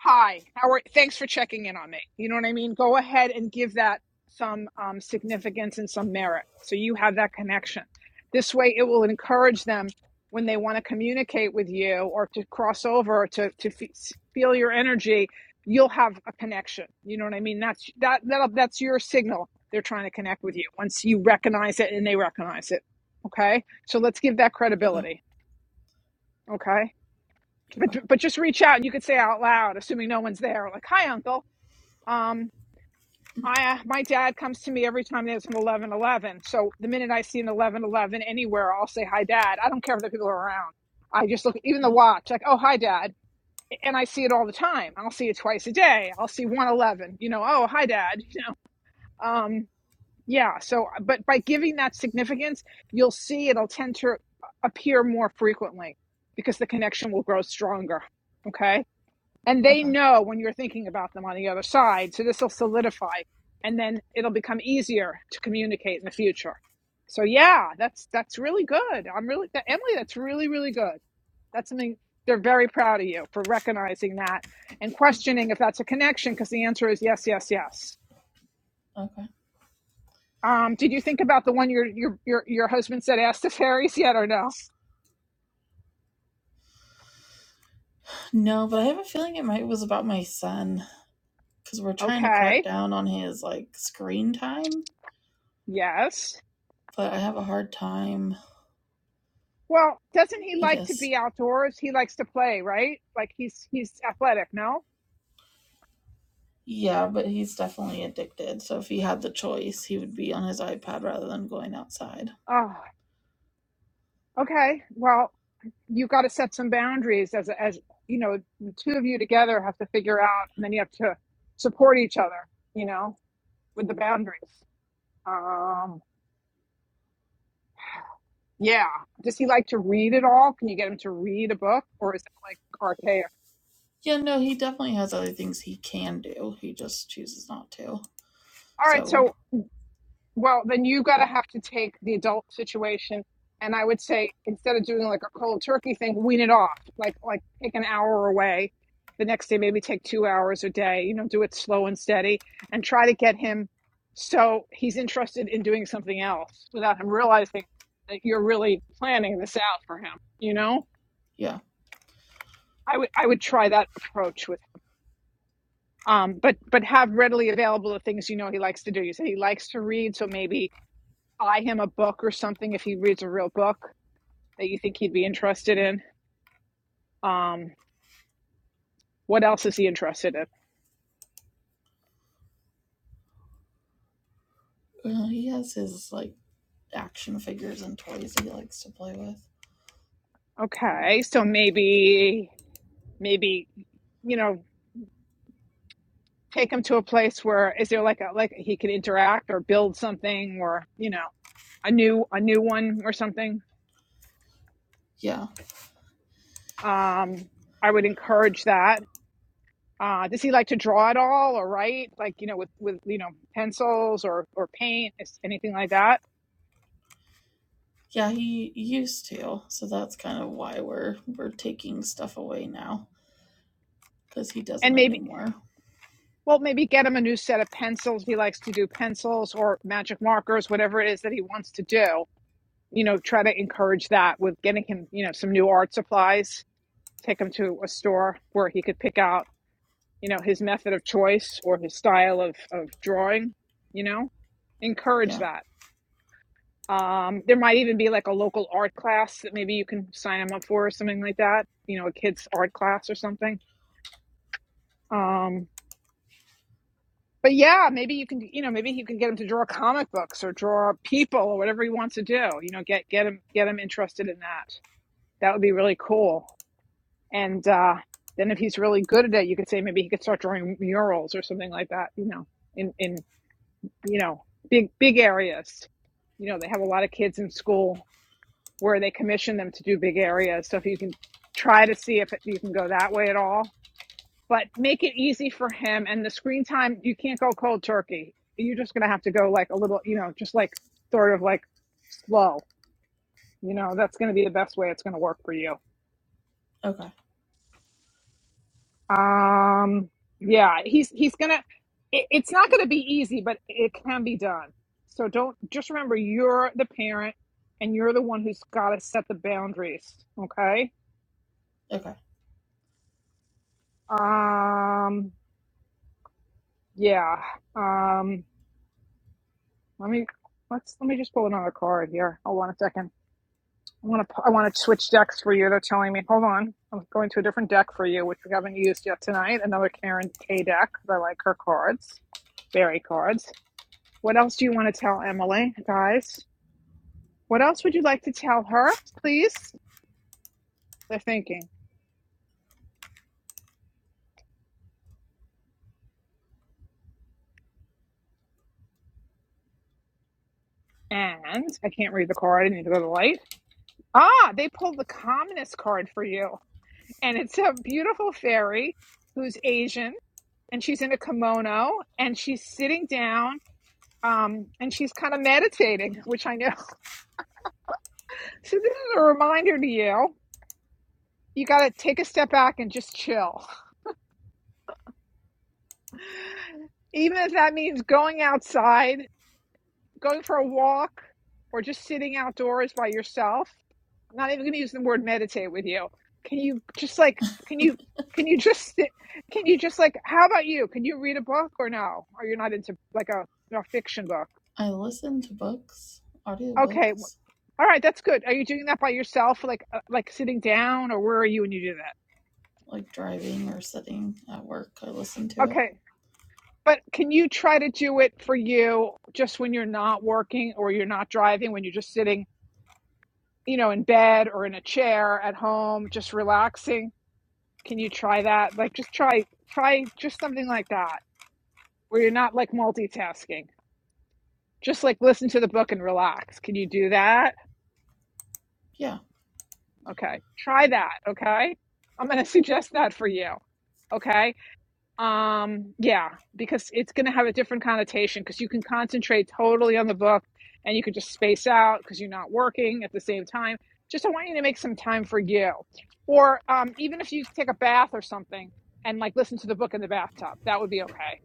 Speaker 1: Hi, how are? Thanks for checking in on me. You know what I mean. Go ahead and give that some um, significance and some merit, so you have that connection. This way, it will encourage them when they want to communicate with you or to cross over or to to feel your energy. You'll have a connection. You know what I mean. That's that that that's your signal. They're trying to connect with you once you recognize it and they recognize it. Okay, so let's give that
Speaker 7: Okay.
Speaker 1: credibility. Okay,
Speaker 7: Okay.
Speaker 1: but but just reach out and you could say out loud, assuming no one's there, like "Hi, uncle." Um, I uh, my dad comes to me every time there's an eleven eleven. So the minute I see an eleven eleven anywhere, I'll say hi, dad. I don't care if the people are around. I just look even the
Speaker 7: Yeah.
Speaker 1: watch like oh hi dad, and I see it all the time. I'll see it twice a day. I'll see one eleven. You know oh hi dad. You know um yeah. So but by giving that significance, you'll see it'll tend to appear more frequently because the connection will grow stronger. Okay and they
Speaker 7: Okay.
Speaker 1: know when you're thinking about them on the other side so this will solidify and then it'll become easier to communicate in the future so yeah that's that's really good i'm really emily that's really really good that's something they're very proud of you for recognizing that and questioning if that's a connection because the answer is yes yes yes
Speaker 7: Okay.
Speaker 1: um did you think about the one your your your, your husband said ask the fairies yet or no
Speaker 7: No, but I have a feeling it might was about my son because we're trying to crack
Speaker 1: okay
Speaker 7: down on his like screen time,
Speaker 1: yes
Speaker 7: but I have a hard time,
Speaker 1: Well, doesn't he
Speaker 7: I
Speaker 1: like to
Speaker 7: guess.
Speaker 1: be outdoors? He likes to play, right? Like he's he's athletic, no?
Speaker 7: Yeah, but he's definitely addicted. So if he had the choice, he would be on his iPad rather than going outside.
Speaker 1: Oh, okay. Well, you got to set some boundaries as as you know, the two of you together have to figure out and then you have to support each other, you know, with the boundaries. Um, yeah. Does he like to read at all? Can you get him to read a book or is that like archaic?
Speaker 7: Yeah, no, he definitely has other things he can do. He just chooses not to.
Speaker 1: All right,
Speaker 7: So
Speaker 1: so Well, then you got to have to take the adult situation, and I would say instead of doing like a cold turkey thing, wean it off. Like like take an hour away, the next day maybe take two hours a day. You know, do it slow and steady, and try to get him so he's interested in doing something else without him realizing that you're really planning this out for him. You know,
Speaker 7: yeah,
Speaker 1: I would I would try that approach with him. Um, but but have readily available the things you know he likes to do. You say he likes to read, so maybe buy him a book or something if he reads a real book that you think he'd be interested in. Um, what else is he interested in?
Speaker 7: Uh, he has his like action figures and toys he likes to play with.
Speaker 1: Okay, so maybe maybe you know take him to a place where is there like a like he can interact or build something or you know a new a new one or something.
Speaker 7: Yeah,
Speaker 1: Um, I would encourage that. Uh, does he like to draw it all or write like you know with with you know pencils or or paint anything like that?
Speaker 7: yeah, he used to. So that's kind of why we're we're taking stuff away now because he
Speaker 1: And
Speaker 7: doesn't
Speaker 1: maybe
Speaker 7: anymore.
Speaker 1: well maybe get him a new set of pencils. He likes to do pencils or magic markers, whatever it is that he wants to do. You know, try to encourage that with getting him you know some new art supplies. Take him to a store where he could pick out you know his method of choice or his style of of drawing. You know, encourage
Speaker 7: Yeah.
Speaker 1: that Um, there might even be like a local art class that maybe you can sign them up for or something like that. You know, a kid's art class or something. Um, but yeah, maybe you can, you know, maybe you can get him to draw comic books or draw people or whatever he wants to do. You know, get get him get him interested in that. That would be really cool. And uh, then if he's really good at it, you could say maybe he could start drawing murals or something like that. You know, in in you know big big areas. You know, they have a lot of kids in school where they commission them to do big areas. So if you can try to see if you can go that way at all, but make it easy for him. And the screen time, you can't go cold turkey. You're just going to have to go like a little, you know, just like sort of like slow. You know, that's going to be the best way it's going to work for you.
Speaker 7: Okay.
Speaker 1: Um, yeah, he's he's going to. It, it's not going to be easy, but it can be done. So don't just remember you're the parent and you're the one who's got to set the boundaries. Okay.
Speaker 7: Okay.
Speaker 1: Um, Yeah. Um, let me let's let me just pull another card here. Hold on a second. I want to I want to switch decks for you. They're telling me. Hold on. I'm going to a different deck for you, which we haven't used yet tonight. Another Karen K deck. 'cause I like her cards, Barry cards. What else do you want to tell Emily, guys? What else would you like to tell her, please? They're thinking. And I can't read the card. I need to go to the light. Ah, they pulled the communist card for you, and it's a beautiful fairy who's Asian and she's in a kimono and she's sitting down um, and she's kind of meditating, which I know. So this is a reminder to you. You got to take a step back and just chill. Even if that means going outside, going for a walk, or just sitting outdoors by yourself. I'm not even going to use the word meditate with you. Can you just like, can you, can you just, can you just like, how about you? Can you read a book or no? Are you not into like a, a fiction book?
Speaker 7: I listen to books,
Speaker 1: Okay,
Speaker 7: audiobooks,
Speaker 1: All right, that's good. Are you doing that by yourself, like uh, like sitting down, or where are you when you do that?
Speaker 7: like driving or sitting at work. I listen to it.
Speaker 1: Okay, but can you try to do it for you just when you're not working or you're not driving, when you're just sitting, you know, in bed or in a chair at home, just relaxing? Can you try that? Like, just try try just something like that where you're not like multitasking. Just like listen to the book and relax. Can you do that?
Speaker 7: Yeah.
Speaker 1: Okay, try that. Okay, I'm gonna suggest that for you. Okay. Um, yeah, because it's going to have a different connotation because you can concentrate totally on the book and you can just space out because you're not working at the same time. Just I want you to make some time for you. Or um, even if you take a bath or something and like listen to the book in the bathtub, that would be okay.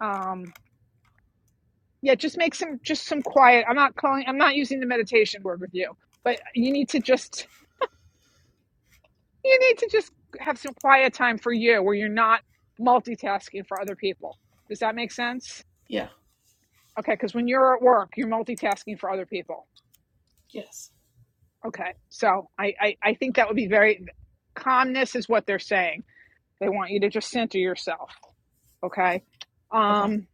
Speaker 1: Um, yeah, just make some just some quiet. I'm not calling I'm not using the meditation word with you, but you need to just you need to just have some quiet time for you where you're not multitasking for other people. Does that make sense?
Speaker 7: Yeah.
Speaker 1: Okay, because when you're at work, you're multitasking for other people.
Speaker 7: Yes.
Speaker 1: Okay, so I, I, I think that would be very calmness is what they're saying. They want you to just center yourself. Okay,
Speaker 7: Okay.
Speaker 1: um,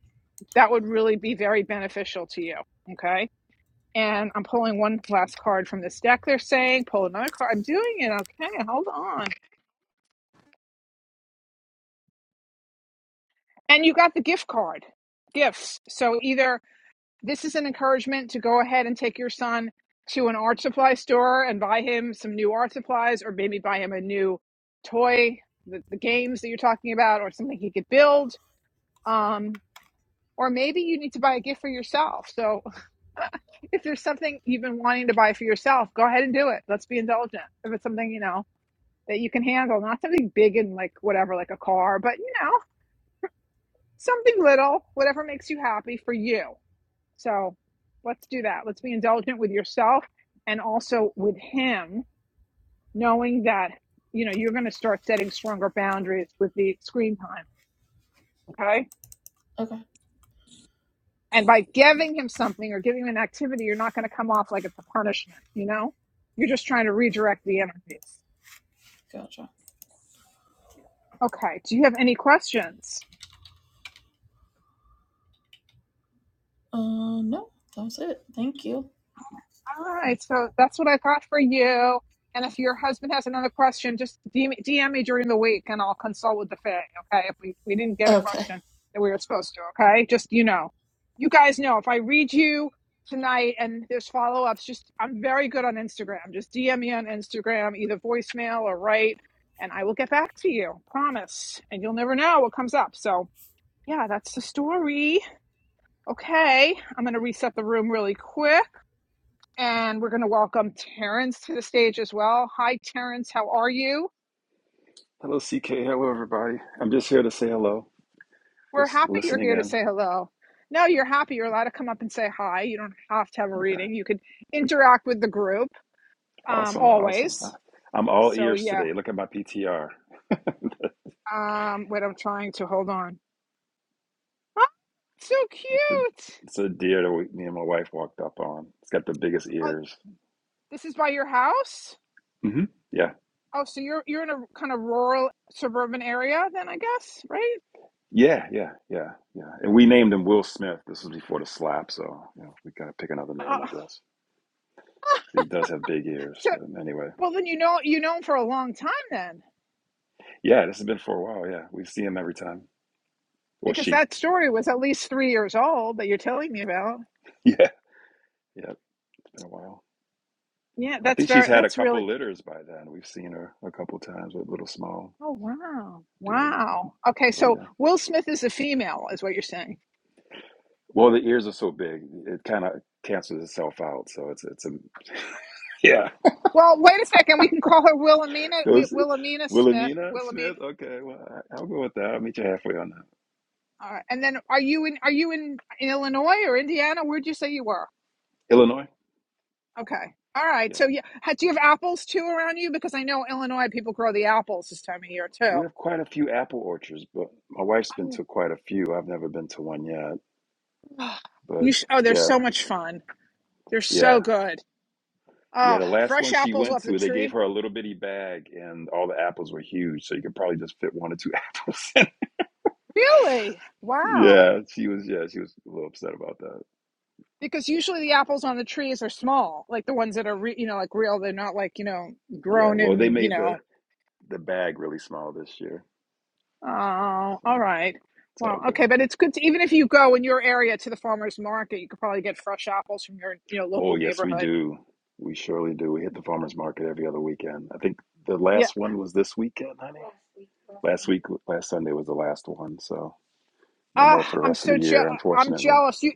Speaker 1: that would really be very beneficial to you. Okay, and I'm pulling one last card from this deck. They're saying pull another card. I'm doing it. Okay, hold on. And you got the gift card, gifts. So either this is an encouragement to go ahead and take your son to an art supply store and buy him some new art supplies or maybe buy him a new toy the, the games that you're talking about or something he could build um, or maybe you need to buy a gift for yourself so if there's something you've been wanting to buy for yourself go ahead and do it let's be indulgent if it's something you know that you can handle not something big and like whatever like a car but you know something little whatever makes you happy for you so let's do that. Let's be indulgent with yourself and also with him, knowing that you know you're going to start setting stronger boundaries with the screen time. Okay.
Speaker 7: Okay.
Speaker 1: And by giving him something or giving him an activity, you're not going to come off like it's a punishment, you know? You're just trying to redirect the energies.
Speaker 7: Gotcha.
Speaker 1: Okay. Do you have any questions?
Speaker 7: Uh, no, that was it. Thank you.
Speaker 1: All right, so that's what I got for you. And if your husband has another question, just DM, me- me during the week and I'll consult with the Fed, okay? If we, we didn't get a
Speaker 7: Okay.
Speaker 1: question that we were supposed to, okay? Just, you know, you guys know if I read you tonight and there's follow ups, just I'm very good on Instagram. Just DM me on Instagram, either voicemail or write, and I will get back to you, promise. And you'll never know what comes up. So, yeah, that's the story. Okay, I'm going to reset the room really quick and we're going to welcome Terrence to the stage as well. Hi, Terrence. How are you?
Speaker 8: Hello, CK. Hello, everybody. I'm just here to say hello,
Speaker 1: We're
Speaker 8: just
Speaker 1: happy you're
Speaker 8: listening
Speaker 1: here to
Speaker 8: in.
Speaker 1: say hello. No, you're happy. You're allowed to come up and say hi. You don't have to have a
Speaker 8: Okay.
Speaker 1: reading. You could interact with the group um,
Speaker 8: Awesome. Awesome.
Speaker 1: always.
Speaker 8: I- I'm all
Speaker 1: So,
Speaker 8: ears
Speaker 1: yeah.
Speaker 8: today. Look at my PTR.
Speaker 1: Um, wait, I'm trying to hold on. Oh, so
Speaker 8: It's a,
Speaker 1: cute.
Speaker 8: it's a deer that we, me and my wife walked up on. It's got the biggest
Speaker 1: Oh,
Speaker 8: ears.
Speaker 1: this is by your house.
Speaker 8: hmm Yeah.
Speaker 1: Oh, so you're you're in a kind of rural suburban area, then I guess, right?
Speaker 8: Yeah. Yeah. Yeah. Yeah. And we named him Will Smith. This was before the slap. So you know, we got to pick another name, I
Speaker 1: Uh,
Speaker 8: guess. He does have big ears.
Speaker 1: so,
Speaker 8: But anyway,
Speaker 1: well, then you know you know him for a long time, then.
Speaker 8: yeah, this has been for a while. Yeah. We see him every time. Or
Speaker 1: because
Speaker 8: she.
Speaker 1: that story was at least three years old that you're telling me about.
Speaker 8: Yeah. Yeah. It's been a while.
Speaker 1: Yeah,
Speaker 8: I
Speaker 1: that's
Speaker 8: think she's
Speaker 1: very,
Speaker 8: had a
Speaker 1: that's really,
Speaker 8: couple litters by then. We've seen her a couple times with little small
Speaker 1: oh, wow.
Speaker 8: deer.
Speaker 1: Wow. Okay,
Speaker 8: But
Speaker 1: so
Speaker 8: yeah.
Speaker 1: Will Smith is a female, is what you're saying.
Speaker 8: Well, the ears are so big, it kind of cancels itself out. So it's it's a yeah.
Speaker 1: Well, wait a second. We can call her Wilhelmina, Wi-
Speaker 8: Those
Speaker 1: Wilhelmina Smith,
Speaker 8: Wilhelmina Smith.
Speaker 1: Wilhelmina.
Speaker 8: Okay, well I- I'll go with that. I'll meet you halfway on that.
Speaker 1: All right. And then are you in, are you in, Illinois or Indiana? Where'd you say you were?
Speaker 8: Illinois.
Speaker 1: Okay. All right.
Speaker 8: Yeah,
Speaker 1: So yeah, ha- do you have apples too around you? Because I know Illinois people grow the apples this time of year
Speaker 8: we
Speaker 1: too.
Speaker 8: have quite a few apple orchards, but my wife's been to
Speaker 1: Um,
Speaker 8: quite a few. I've never been to one yet, but
Speaker 1: You sh- oh, they're
Speaker 8: yeah,
Speaker 1: so much fun. They're
Speaker 8: yeah.
Speaker 1: so good.
Speaker 8: Yeah,
Speaker 1: Oh,
Speaker 8: the last
Speaker 1: fresh
Speaker 8: one she
Speaker 1: apples
Speaker 8: went
Speaker 1: off the
Speaker 8: to, they gave
Speaker 1: tree?
Speaker 8: her a little bitty bag, and all the apples were huge. So you could probably just fit one or two apples in
Speaker 1: Really? Wow.
Speaker 8: Yeah, she was. Yeah, she was a little upset about that.
Speaker 1: Because usually the apples on the trees are small, like the ones that are, re- you know, like real. They're not like, you know,
Speaker 8: Yeah,
Speaker 1: grown
Speaker 8: well, they
Speaker 1: in, you
Speaker 8: made the
Speaker 1: know.
Speaker 8: the bag really small this year,
Speaker 1: Oh, all
Speaker 8: so
Speaker 1: right.
Speaker 8: it's all
Speaker 1: Well,
Speaker 8: good.
Speaker 1: Okay. But it's good to, even if you go in your area to the farmer's market, you could probably get fresh apples from your, you know,
Speaker 8: Oh,
Speaker 1: local
Speaker 8: yes, we
Speaker 1: neighborhood.
Speaker 8: do. We surely do. We hit the farmers market every other weekend. I think the
Speaker 1: Yeah.
Speaker 8: last one was this weekend, honey. Last week, last Sunday was the last one, so no more for
Speaker 1: Ah,
Speaker 8: the
Speaker 1: I'm
Speaker 8: rest of the
Speaker 1: so je-
Speaker 8: year,
Speaker 1: I'm
Speaker 8: unfortunately.
Speaker 1: jealous. You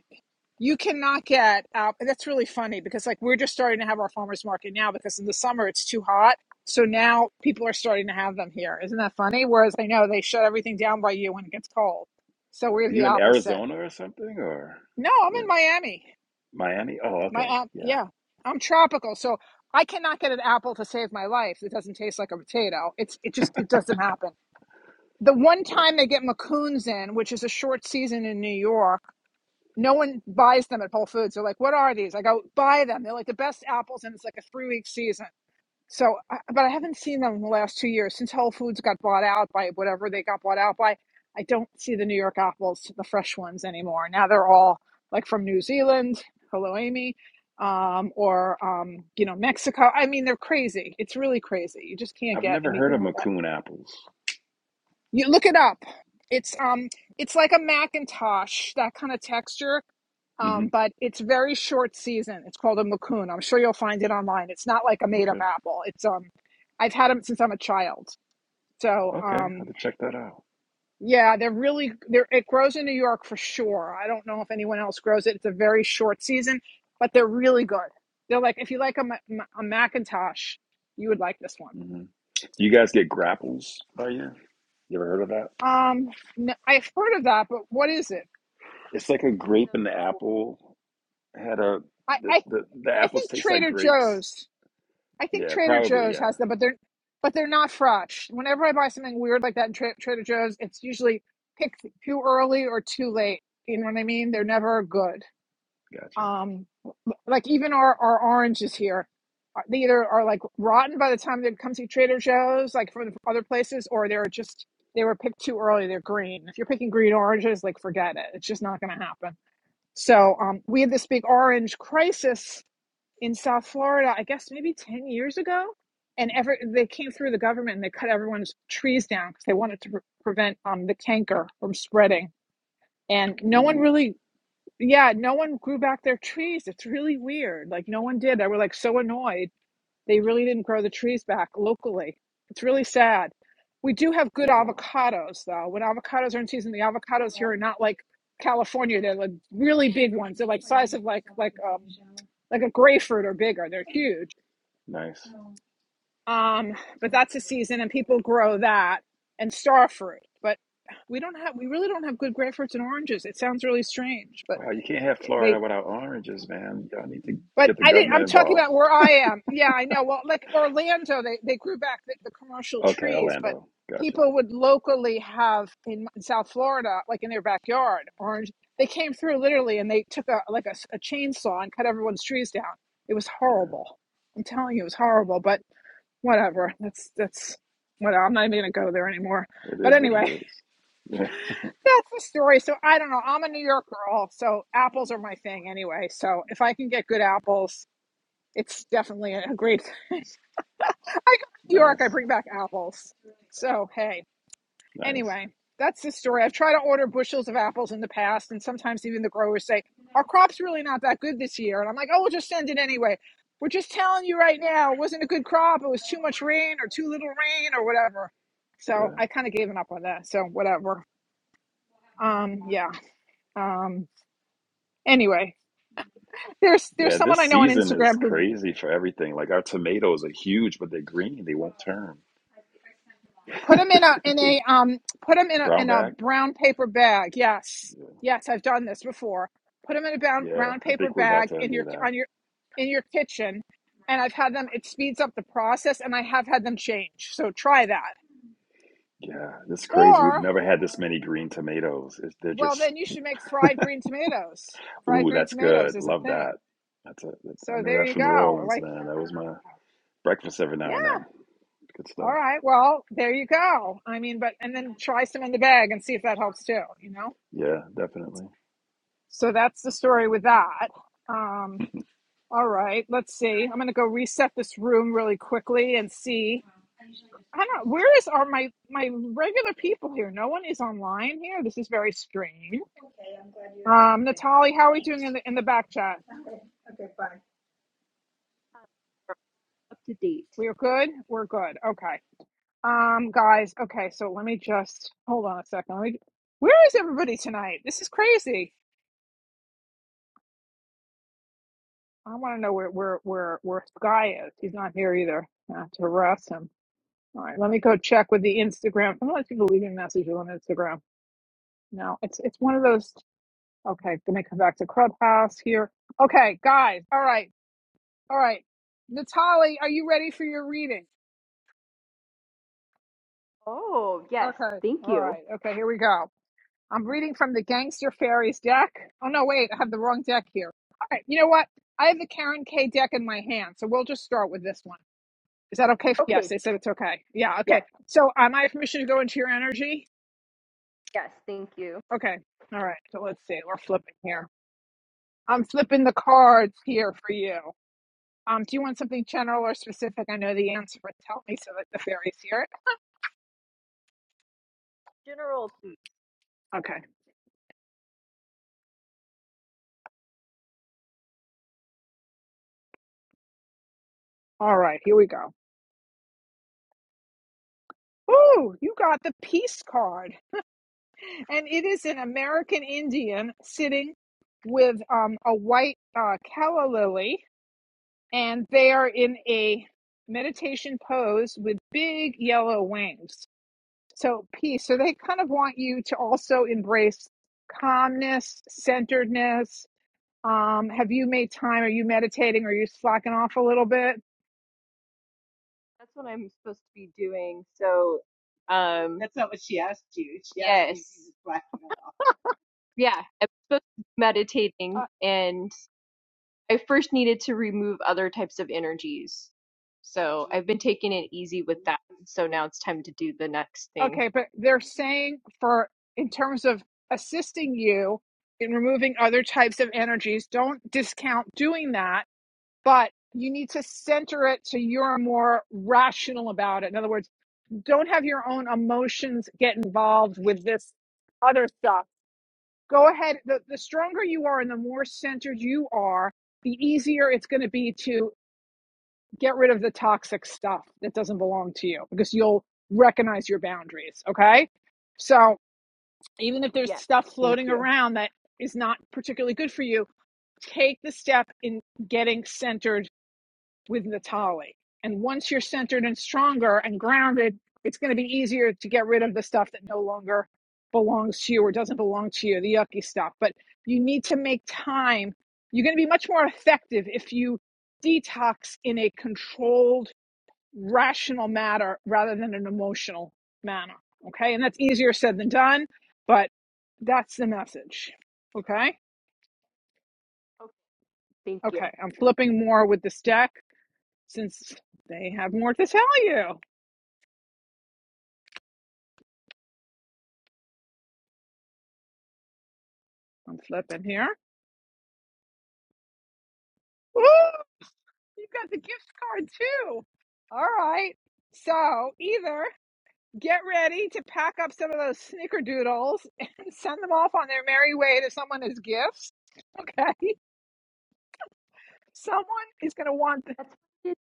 Speaker 1: You cannot get out. And that's really funny because, like, we're just starting to have our farmers market now because in the summer it's too hot. So now people are starting to have them here. Isn't that funny? Whereas I know they shut everything down by you when it gets cold. So we're
Speaker 8: Are you
Speaker 1: the
Speaker 8: in
Speaker 1: opposite.
Speaker 8: Arizona or something, or
Speaker 1: No, I'm in
Speaker 8: where?
Speaker 1: Miami.
Speaker 8: Miami? Oh,
Speaker 1: My
Speaker 8: okay.
Speaker 1: um,
Speaker 8: Yeah.
Speaker 1: yeah, I'm tropical. So I cannot get an apple to save my life. that doesn't taste like a potato. It's it just it doesn't happen. The one
Speaker 8: Right.
Speaker 1: time they get macoons in, which is a short season in New York no one buys them at Whole Foods. They're like, "What are these?" I go, "Buy them. They're like the best apples, and it's like a three week season." So, but I haven't seen them in the last two years since Whole Foods got bought out by whatever they got bought out by. I don't see the New York apples, the fresh ones anymore. Now they're all like from New Zealand. Hello, Amy. Um, or um, you know, Mexico. I mean, they're crazy. It's really crazy. You just can't
Speaker 8: I've
Speaker 1: get
Speaker 8: never heard
Speaker 1: anything
Speaker 8: of
Speaker 1: like that.
Speaker 8: Macoun apples.
Speaker 1: You look it up. It's um it's like a Macintosh, that kind of texture.
Speaker 8: hmm
Speaker 1: Um, but it's very short season. It's called a macoun. I'm sure you'll find it online. It's not like a made up
Speaker 8: Okay.
Speaker 1: apple. It's um I've had them since I'm a child. So
Speaker 8: Okay. I'll have
Speaker 1: um
Speaker 8: to check that out.
Speaker 1: yeah, they're really they're it grows in New York for sure. I don't know if anyone else grows it. It's a very short season, but they're really good. They're like if you like a, Ma- a Macintosh, you would like this one.
Speaker 8: Mm-hmm. Do you guys get grapples by you? You ever heard of that?
Speaker 1: Um, n- I've heard of that, but what is it?
Speaker 8: It's like a
Speaker 3: Seen
Speaker 8: grape
Speaker 3: those
Speaker 8: and the
Speaker 3: before.
Speaker 8: apple had a
Speaker 1: I,
Speaker 8: the
Speaker 1: I
Speaker 8: the, the
Speaker 1: I
Speaker 8: apples
Speaker 1: think
Speaker 8: taste like
Speaker 1: Trader
Speaker 8: grapes.
Speaker 1: Joe's. I think
Speaker 8: Yeah,
Speaker 1: Trader
Speaker 8: probably.
Speaker 1: Joe's
Speaker 8: Yeah,
Speaker 1: has them, but they're but they're not fresh. Whenever I buy something weird like that in Tra- Trader Joe's, it's usually picked too early or too late. You know what I mean? They're never good.
Speaker 8: gotcha.
Speaker 1: Um, like even our our oranges here, uh, they either are like rotten by the time they come to Trader Joe's, like from other places, or they're just they were picked too early. They're green. If you're picking green oranges, like forget it. It's just not going to happen. So um, we had this big orange crisis in South Florida, I guess maybe 10 years ago. And every, they came through the government and they cut everyone's trees down because they wanted to pre- prevent um, the canker from spreading. And no one
Speaker 8: Ooh,
Speaker 1: really, yeah, no one grew back their trees. It's really weird. Like, no one did. They were like so annoyed. They really didn't grow the trees back locally. It's really sad. We do have good
Speaker 8: wow,
Speaker 1: avocados, though. When avocados are in season, the avocados here are not like California. They're like really big ones. They're like size of like, like, um, like a grapefruit or bigger. They're huge
Speaker 8: nice.
Speaker 1: Um, but that's a season, and people grow that and star fruit. But we don't have, we really don't have good grapefruits and oranges. It sounds really strange, but
Speaker 8: Wow, you can't have
Speaker 1: it-
Speaker 8: Florida
Speaker 1: they,
Speaker 8: without oranges, man. Y'all need to
Speaker 1: but
Speaker 8: get the
Speaker 1: I did. not
Speaker 8: government
Speaker 1: I'm talking
Speaker 8: involved.
Speaker 1: about where I am. Yeah, I know. Well, like Orlando, they they grew back the, the commercial
Speaker 8: Okay,
Speaker 1: trees, but
Speaker 8: Orlando, gotcha.
Speaker 1: people would locally have in, in South Florida, like in their backyard, orange. They came through literally, and they took a like a, s- a chainsaw and cut everyone's trees down. It was
Speaker 8: Yeah,
Speaker 1: horrible. I'm telling you, it was horrible. But whatever. That's that's whatever. I'm not even gonna go there anymore.
Speaker 8: it
Speaker 1: But
Speaker 8: is what it
Speaker 1: anyway,
Speaker 8: is. Yeah,
Speaker 1: that's the story. So I don't know. I'm a New York girl, so apples are my thing anyway. So if I can get good apples, it's definitely a great. thing. I go to New York, I
Speaker 8: nice,
Speaker 1: bring back apples. So hey.
Speaker 8: nice.
Speaker 1: Anyway, that's the story. I've tried to order bushels of apples in the past, and sometimes even the growers say, Our crop's really not that good this year. And I'm like, Oh, we'll just send it anyway. We're just telling you right now, it wasn't a good crop. It was too much rain or too little rain or whatever. So
Speaker 8: Yeah.
Speaker 1: I kind of gave up on that. So whatever. Um, yeah. Um, anyway, there's there's
Speaker 8: Yeah,
Speaker 1: someone
Speaker 8: this
Speaker 1: I know on
Speaker 8: season is
Speaker 1: Instagram who
Speaker 8: crazy for everything. Like our tomatoes are huge, but they're green. They won't turn.
Speaker 1: Put them in a in a um put them in a
Speaker 8: Brown
Speaker 1: in a
Speaker 8: bag.
Speaker 1: brown paper bag. Yes.
Speaker 8: Yeah,
Speaker 1: Yes, I've done this before. Put them in a brown
Speaker 8: Yeah,
Speaker 1: brown
Speaker 8: I
Speaker 1: paper
Speaker 8: think we're about
Speaker 1: bag
Speaker 8: to
Speaker 1: in
Speaker 8: do
Speaker 1: your
Speaker 8: that.
Speaker 1: on your in your kitchen and I've had them it speeds up the process and I have had them change. So try that.
Speaker 8: Yeah, this is crazy. We've
Speaker 1: Or
Speaker 8: never had this many green tomatoes. It's, they're
Speaker 1: well
Speaker 8: just,
Speaker 1: then you should make fried green tomatoes. Fried
Speaker 8: ooh,
Speaker 1: green
Speaker 8: that's good.
Speaker 1: tomatoes is a
Speaker 8: Love that.
Speaker 1: thing.
Speaker 8: That's a, I
Speaker 1: So
Speaker 8: know
Speaker 1: there
Speaker 8: that
Speaker 1: you
Speaker 8: from New
Speaker 1: go.
Speaker 8: Orleans,
Speaker 1: Like
Speaker 8: man. That was my breakfast every
Speaker 1: yeah.
Speaker 8: now and then. Good
Speaker 1: All
Speaker 8: stuff.
Speaker 1: right. Well, there you go. I mean, but and then try some in the bag and see if that helps too, you know?
Speaker 8: Yeah, definitely.
Speaker 1: So that's the story with that. Um, all right, let's see. I'm gonna go reset this room really quickly and see. I don't know, where is are my my regular people here? No one is online here. This is very strange. Um, Natalie, how are we doing in the in the back chat?
Speaker 3: Uh, Up to date.
Speaker 1: We are good? We're good. Okay. Um, guys, okay, so let me just hold on a second. Let me, where is everybody tonight? This is crazy. I wanna know where where where where Guy is. He's not here either. I have to harass him. All right, let me go check with the Instagram. I'm not people leaving messages on Instagram. No, it's it's one of those. Okay, gonna come back to Clubhouse here. Okay, guys. All right, all right. Natalie, are you ready for your reading?
Speaker 3: Oh yes.
Speaker 1: Okay,
Speaker 3: Thank
Speaker 1: all
Speaker 3: you.
Speaker 1: right. Okay, here we go. I'm reading from the Gangster Fairies deck. Oh no, wait, I have the wrong deck here. All right, you know what? I have the Karen K deck in my hand, so we'll just start with this one. Is that okay? For, yes,
Speaker 3: Okay.
Speaker 1: they said it's okay. Yeah,
Speaker 3: Yes.
Speaker 1: okay. So, am I have permission to go into your energy?
Speaker 3: Yes, thank you.
Speaker 1: Okay. All right. So let's see. We're flipping here. I'm flipping the cards here for you. Um, do you want something general or specific? I know the answer, but tell me so that the fairies hear it.
Speaker 3: General, please.
Speaker 1: Okay. All right. Here we go. Ooh, you got the peace card, and it is an American Indian sitting with um, a white uh, calla lily, and they are in a meditation pose with big yellow wings. So peace. So they kind of want you to also embrace calmness, centeredness. Um, have you made time? Are you meditating? Are you slacking off a little bit?
Speaker 3: That's what I'm supposed to be doing. So, um, That's not what she asked you. She asked you if you yes. was black and Yeah, I'm supposed to be meditating,
Speaker 1: Uh,
Speaker 3: and I first needed to remove other types of energies. So I've been taking it easy with that. So now it's time to do the next thing.
Speaker 1: okay, but they're saying for in terms of assisting you in removing other types of energies, don't discount doing that, but you need to center it so you're more rational about it. In other words, don't have your own emotions get involved with this other stuff go ahead. The, the stronger you are and the more centered you are, the easier it's going to be to get rid of the toxic stuff that doesn't belong to you because you'll recognize your boundaries. Okay. So even if there's
Speaker 3: Yes,
Speaker 1: stuff
Speaker 3: thank
Speaker 1: floating
Speaker 3: you.
Speaker 1: around that is not particularly good for you, take the step in getting centered with Natali. And once you're centered and stronger and grounded, it's going to be easier to get rid of the stuff that no longer belongs to you or doesn't belong to you, the yucky stuff. But you need to make time. You're going to be much more effective if you detox in a controlled, rational manner rather than an emotional manner. Okay. And that's easier said than done, but that's the message. Okay.
Speaker 3: Okay, thank you.
Speaker 1: Okay. I'm flipping more with this deck since they have more to tell you. I'm flipping here. Woo! You got the gift card too. All right. So either get ready to pack up some of those snickerdoodles and send them off on their merry way to someone as gifts. Okay. Someone is going to want. The,
Speaker 3: That's it's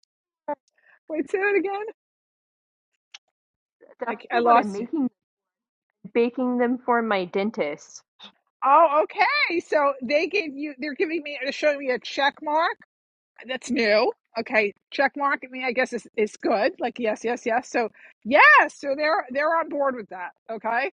Speaker 1: wait, say it again. I, c-
Speaker 3: definitely
Speaker 1: I
Speaker 3: what I'm
Speaker 1: lost you.
Speaker 3: making, baking them for my dentist.
Speaker 1: Oh, okay. So they gave you. They're giving me. They're showing me a check mark. That's new. Okay, check mark. I mean, I guess it's it's good. Like yes, yes, yes. So yes, so they're they're on board with that. Okay.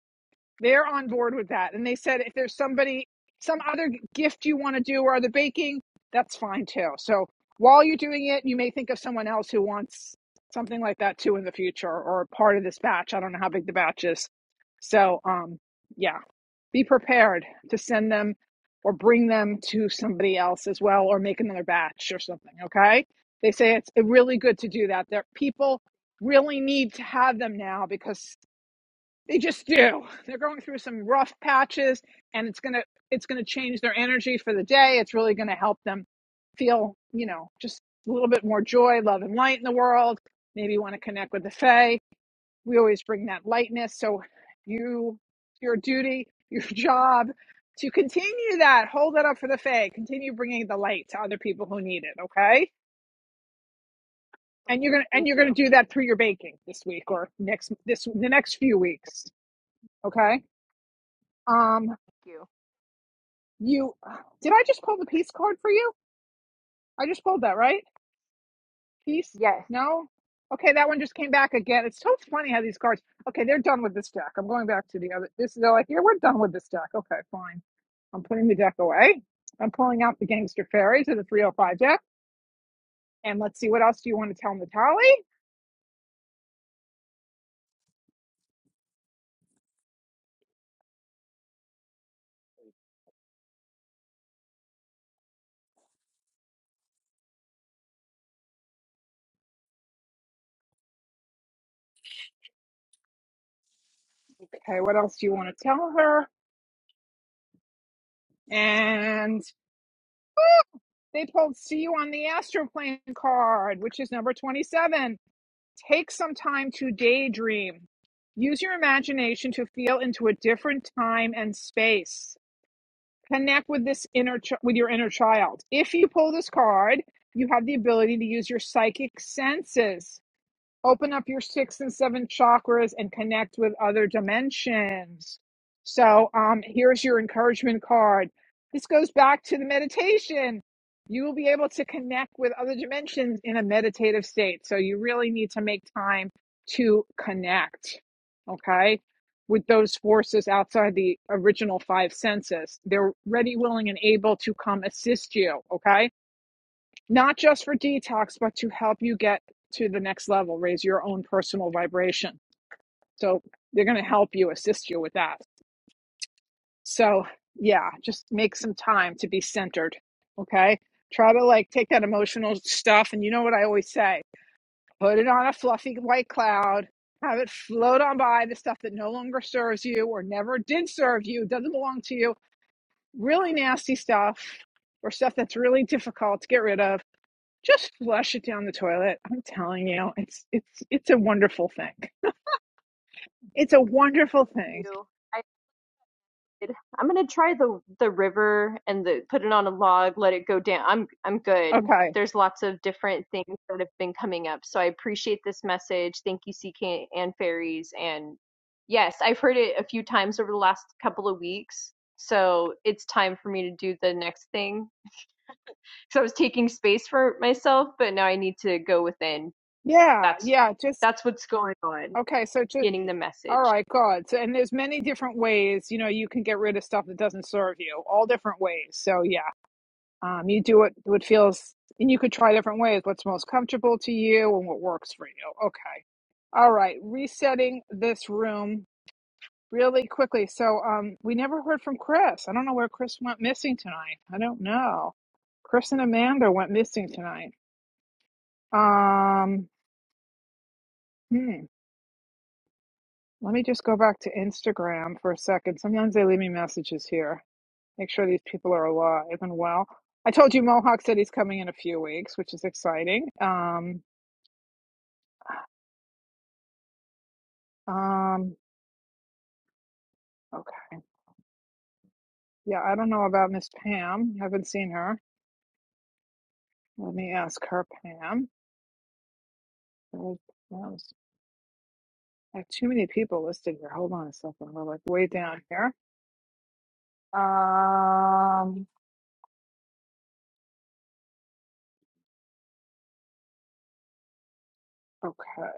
Speaker 1: They're on board with that. And they said if there's somebody, some other gift you want to do or other baking, that's fine too. So while you're doing it, you may think of someone else who wants something like that too in the future or a part of this batch. I don't know how big the batch is. So um, yeah, be prepared to send them or bring them to somebody else as well or make another batch or something. Okay. They say it's really good to do that. There, people really need to have them now because they just do. They're going through some rough patches and it's going to it's going to change their energy for the day. It's really going to help them feel, you know, just a little bit more joy, love and light in the world. Maybe you want to connect with the fae. We always bring that lightness. So you your duty, your job to continue that, hold that up for the fae, continue bringing the light to other people who need it, okay? And you're
Speaker 3: Okay,
Speaker 1: going to and
Speaker 3: thank
Speaker 1: you're
Speaker 3: you.
Speaker 1: going to do
Speaker 3: Thank
Speaker 1: that through your baking this week or next this the next few weeks, okay? Um.
Speaker 3: you.
Speaker 1: You did I just pull the peace card for you? I just pulled that, right? Peace?
Speaker 3: Yes.
Speaker 1: No? Okay, that one just came back again. It's so funny how these cards okay, they're done with this deck. I'm going back to the other this they're like, here we're done with this deck. Okay, fine. I'm putting the deck away. I'm pulling out the gangster fairies of the 305 deck. And let's see what else do you want to tell Natalie? Okay, what else do you want to tell her? And they pulled see you on the astroplane card, which is number 27. Take some time to daydream. Use your imagination to feel into a different time and space. Connect with this inner ch- with your inner child. If you pull this card, you have the ability to use your psychic senses open up your sixth and seventh chakras and connect with other dimensions. So, um, here's your encouragement card. This goes back to the meditation. You will be able to connect with other dimensions in a meditative state. So, you really need to make time to connect, okay, with those forces outside the original five senses. They're ready, willing, and able to come assist you, okay? not just for detox, but to help you get to the next level, raise your own personal vibration. So they're going to help you, assist you with that. So, yeah, just make some time to be centered. Okay. Try to like take that
Speaker 3: Okay.
Speaker 1: emotional stuff. And you know what I always say put it on a fluffy white cloud, have it float on by the stuff that no longer serves you or never did serve you, doesn't belong to you, really nasty stuff or stuff that's really difficult to get rid of Just flush it down the toilet. I'm telling you, it's it's it's a wonderful thing. It's a wonderful
Speaker 3: Thank
Speaker 1: thing.
Speaker 3: you. I did. I'm gonna try the the river and the put it on a log, let it go down. I'm I'm good.
Speaker 1: Okay.
Speaker 3: There's lots of different things that have been coming up, so I appreciate this message. Thank you, CK and fairies. And yes, I've heard it a few times over the last couple of weeks, so it's time for me to do the next thing. So I was taking space for myself, but now I need to go within.
Speaker 1: Yeah,
Speaker 3: That's
Speaker 1: yeah, just
Speaker 3: that's what's going on.
Speaker 1: okay, so just
Speaker 3: Getting the
Speaker 1: all
Speaker 3: message.
Speaker 1: right, God. So and there's many different ways, you know, you can get rid of stuff that doesn't serve you. All different ways. So yeah. Um you do what what feels and you could try different ways, what's most comfortable to you and what works for you. Okay. All right, resetting this room really quickly. So um, we never heard from Chris. I don't know where Chris went missing tonight. I don't know. Chris and Amanda went missing tonight. Um, hmm. Let me just go back to Instagram for a second. Sometimes they leave me messages here. Make sure these people are alive and well. I told you Mohawk said he's coming in a few weeks, which is exciting. Um, um, okay. Yeah, I don't know about Miss Pam. Haven't seen her. Let me ask her, Pam. Well, I have too many people listed here. Hold on a second. We're like way down here. Um. Okay.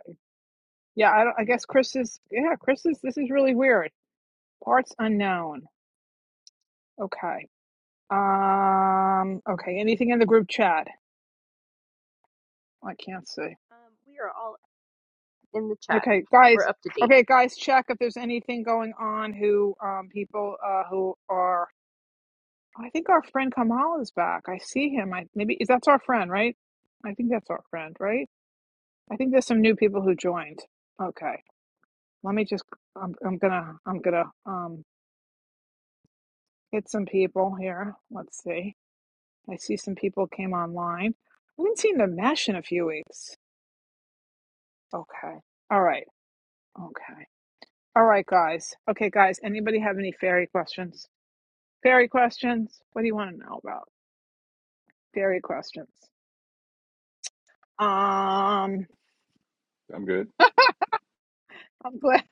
Speaker 1: Yeah. I don't. I guess Chris is. Yeah. Chris is. This is really weird. Parts unknown. Okay. Um. Okay. Anything in the group chat? Oh, I can't see.
Speaker 3: Um, we are all in the chat.
Speaker 1: Okay,
Speaker 3: We're
Speaker 1: guys.
Speaker 3: up to date.
Speaker 1: Okay, guys. Check if there's anything going on. Who um people uh who are. I think our friend Kamal is back. I see him. I maybe is that's our friend, right? I think that's our friend, right? I think there's some new people who joined. Okay. Let me just. I'm. I'm gonna. I'm gonna. Um, hit some people here. Let's see. I see some people came online. I haven't seen the mesh in a few weeks. Okay. All right. Okay. All right, guys. Okay, guys. Anybody have any fairy questions? Fairy questions? What do you want to know about? Fairy questions. Um.
Speaker 8: I'm good.
Speaker 1: I'm glad.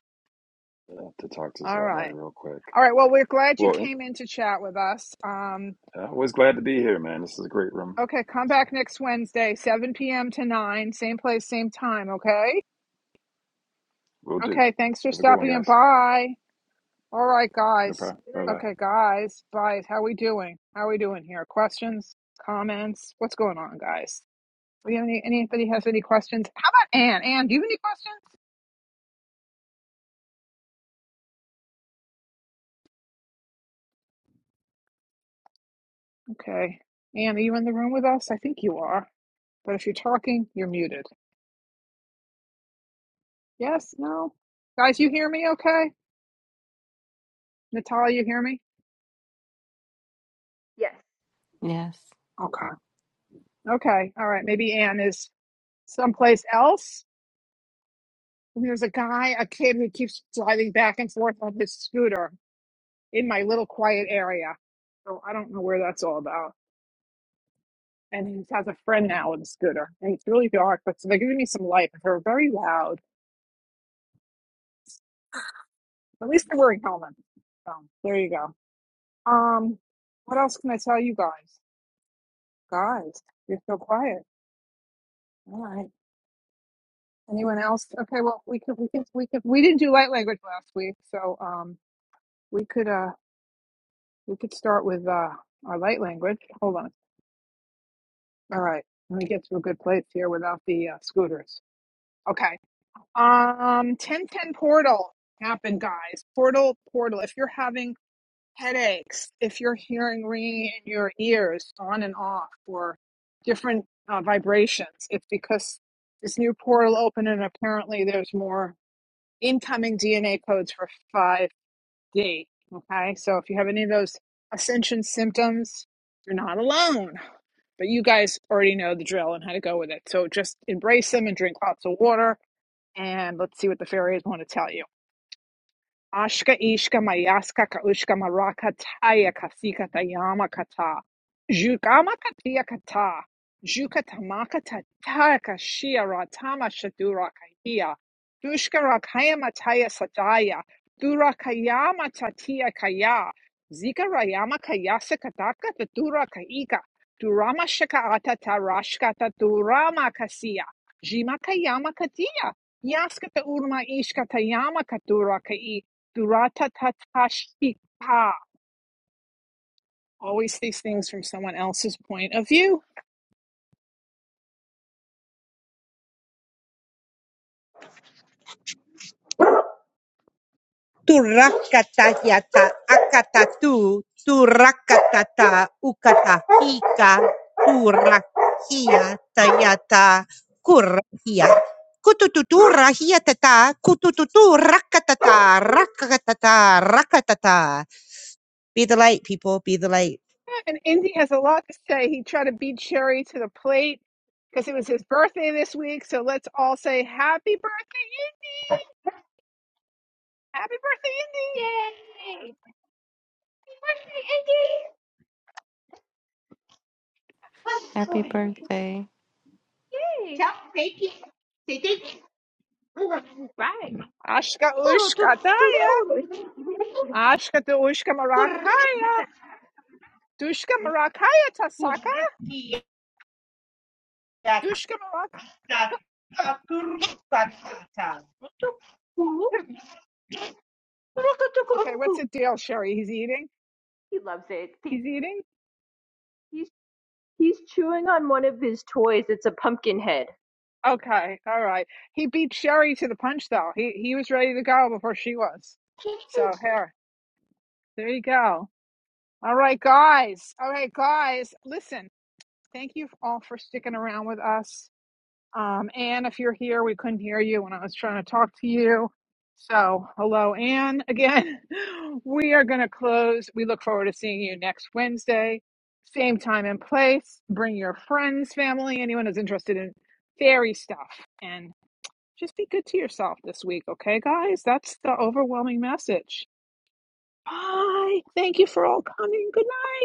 Speaker 8: I have to talk to
Speaker 1: All
Speaker 8: somebody
Speaker 1: right.
Speaker 8: real quick.
Speaker 1: All right. Well, we're glad you
Speaker 8: Well,
Speaker 1: came in to chat with us. Um.
Speaker 8: I was glad to be here, man. This is a great room.
Speaker 1: Okay, come back next Wednesday, 7 p.m. to 9, same place, same time, okay?
Speaker 8: Will do.
Speaker 1: Okay, thanks for
Speaker 8: Have a good one,
Speaker 1: stopping and
Speaker 8: guys.
Speaker 1: bye. All right,
Speaker 8: No
Speaker 1: guys.
Speaker 8: problem. Bye
Speaker 3: Yes.
Speaker 8: bye.
Speaker 1: Okay, guys, bye. How we doing? How we doing here? Questions, comments? What's going on, guys? We have any anybody has any questions? How about Anne? Anne, do you have any questions? Okay, Anne, are you in the room with us? I think you are, but if you're talking, you're muted. Yes, no, guys, you hear me? Okay, Natalia, you hear me?
Speaker 3: yes.
Speaker 5: Yes.
Speaker 1: Okay, okay, all right. Maybe Anne is someplace else. And there's a guy, a kid who keeps driving back and forth on his scooter in my little quiet area. So I don't know where that's all about. And he has a friend now with a scooter. And it's really dark, but so they're giving me some light, but they're very loud. At least they're wearing helmets. So there you go. Um, what else can I tell you guys? Guys, you're so quiet. All right. Anyone else? Okay, well we could we could we could we didn't do light language last week, so um we could uh we could start with uh our light language. Hold on. All right. Let me get to a good place here without the uh, scooters. Okay. Um, 1010 portal happened, guys. Portal, portal. If you're having headaches, if you're hearing ringing in your ears on and off or different uh, vibrations, it's because this new portal opened and apparently there's more incoming DNA codes for 5D. Okay. So if you have any of those ascension symptoms, you're not alone. But you guys already know the drill and how to go with it. So just embrace them and drink lots of water. And let's see what the fairies want to tell you. Ashka ishka mayaska ka ushka maraka taya kasika tayama kata. Jukama katia kata. Juka tamaka tataya kashia ratama shadura kahia. Dushka rakaya mataya sataya. Dura kayama tatia kaya. Zika rayama kayasa kataka tatura kaika. Durama shaka ata tarashka taturama kasia. Jima kayama katia. Yaska ta urma ishka tayama katura Duratatatashipa. Always these things from someone else's point of view.
Speaker 9: tu rakatayata akatatu tu
Speaker 1: Yeah, And Indy has a lot to say. He tried to beat Sherry to the plate because it was his birthday this week. So let's all say happy birthday, Indy! Happy birthday,
Speaker 3: Yay! Hey. Tell Satan, Satan, He
Speaker 1: Indy! Ashka ushka daya. Ashka du ushka marakaya. Dushka marakaya tasaka. Dushka marak. Okay, what's the deal, Sherry? He's eating.
Speaker 3: He loves it. He,
Speaker 1: He's eating.
Speaker 3: he's he's chewing on one of his toys. It's a pumpkin head.
Speaker 1: Okay, all right. He beat Sherry to the punch, though. He he was ready to go before she was. So here, there you go. All right, guys. All right, guys. Listen, thank you all for sticking around with us. Um, Anne, if you're here, we couldn't hear you when I was trying to talk to you. So hello, Anne. Again, we are going to close. We look forward to seeing you next Wednesday, same time and place. Bring your friends, family, anyone who's interested in fairy stuff, and just be good to yourself this week, okay, guys? That's the overwhelming message. Bye. Thank you for all coming. Good night.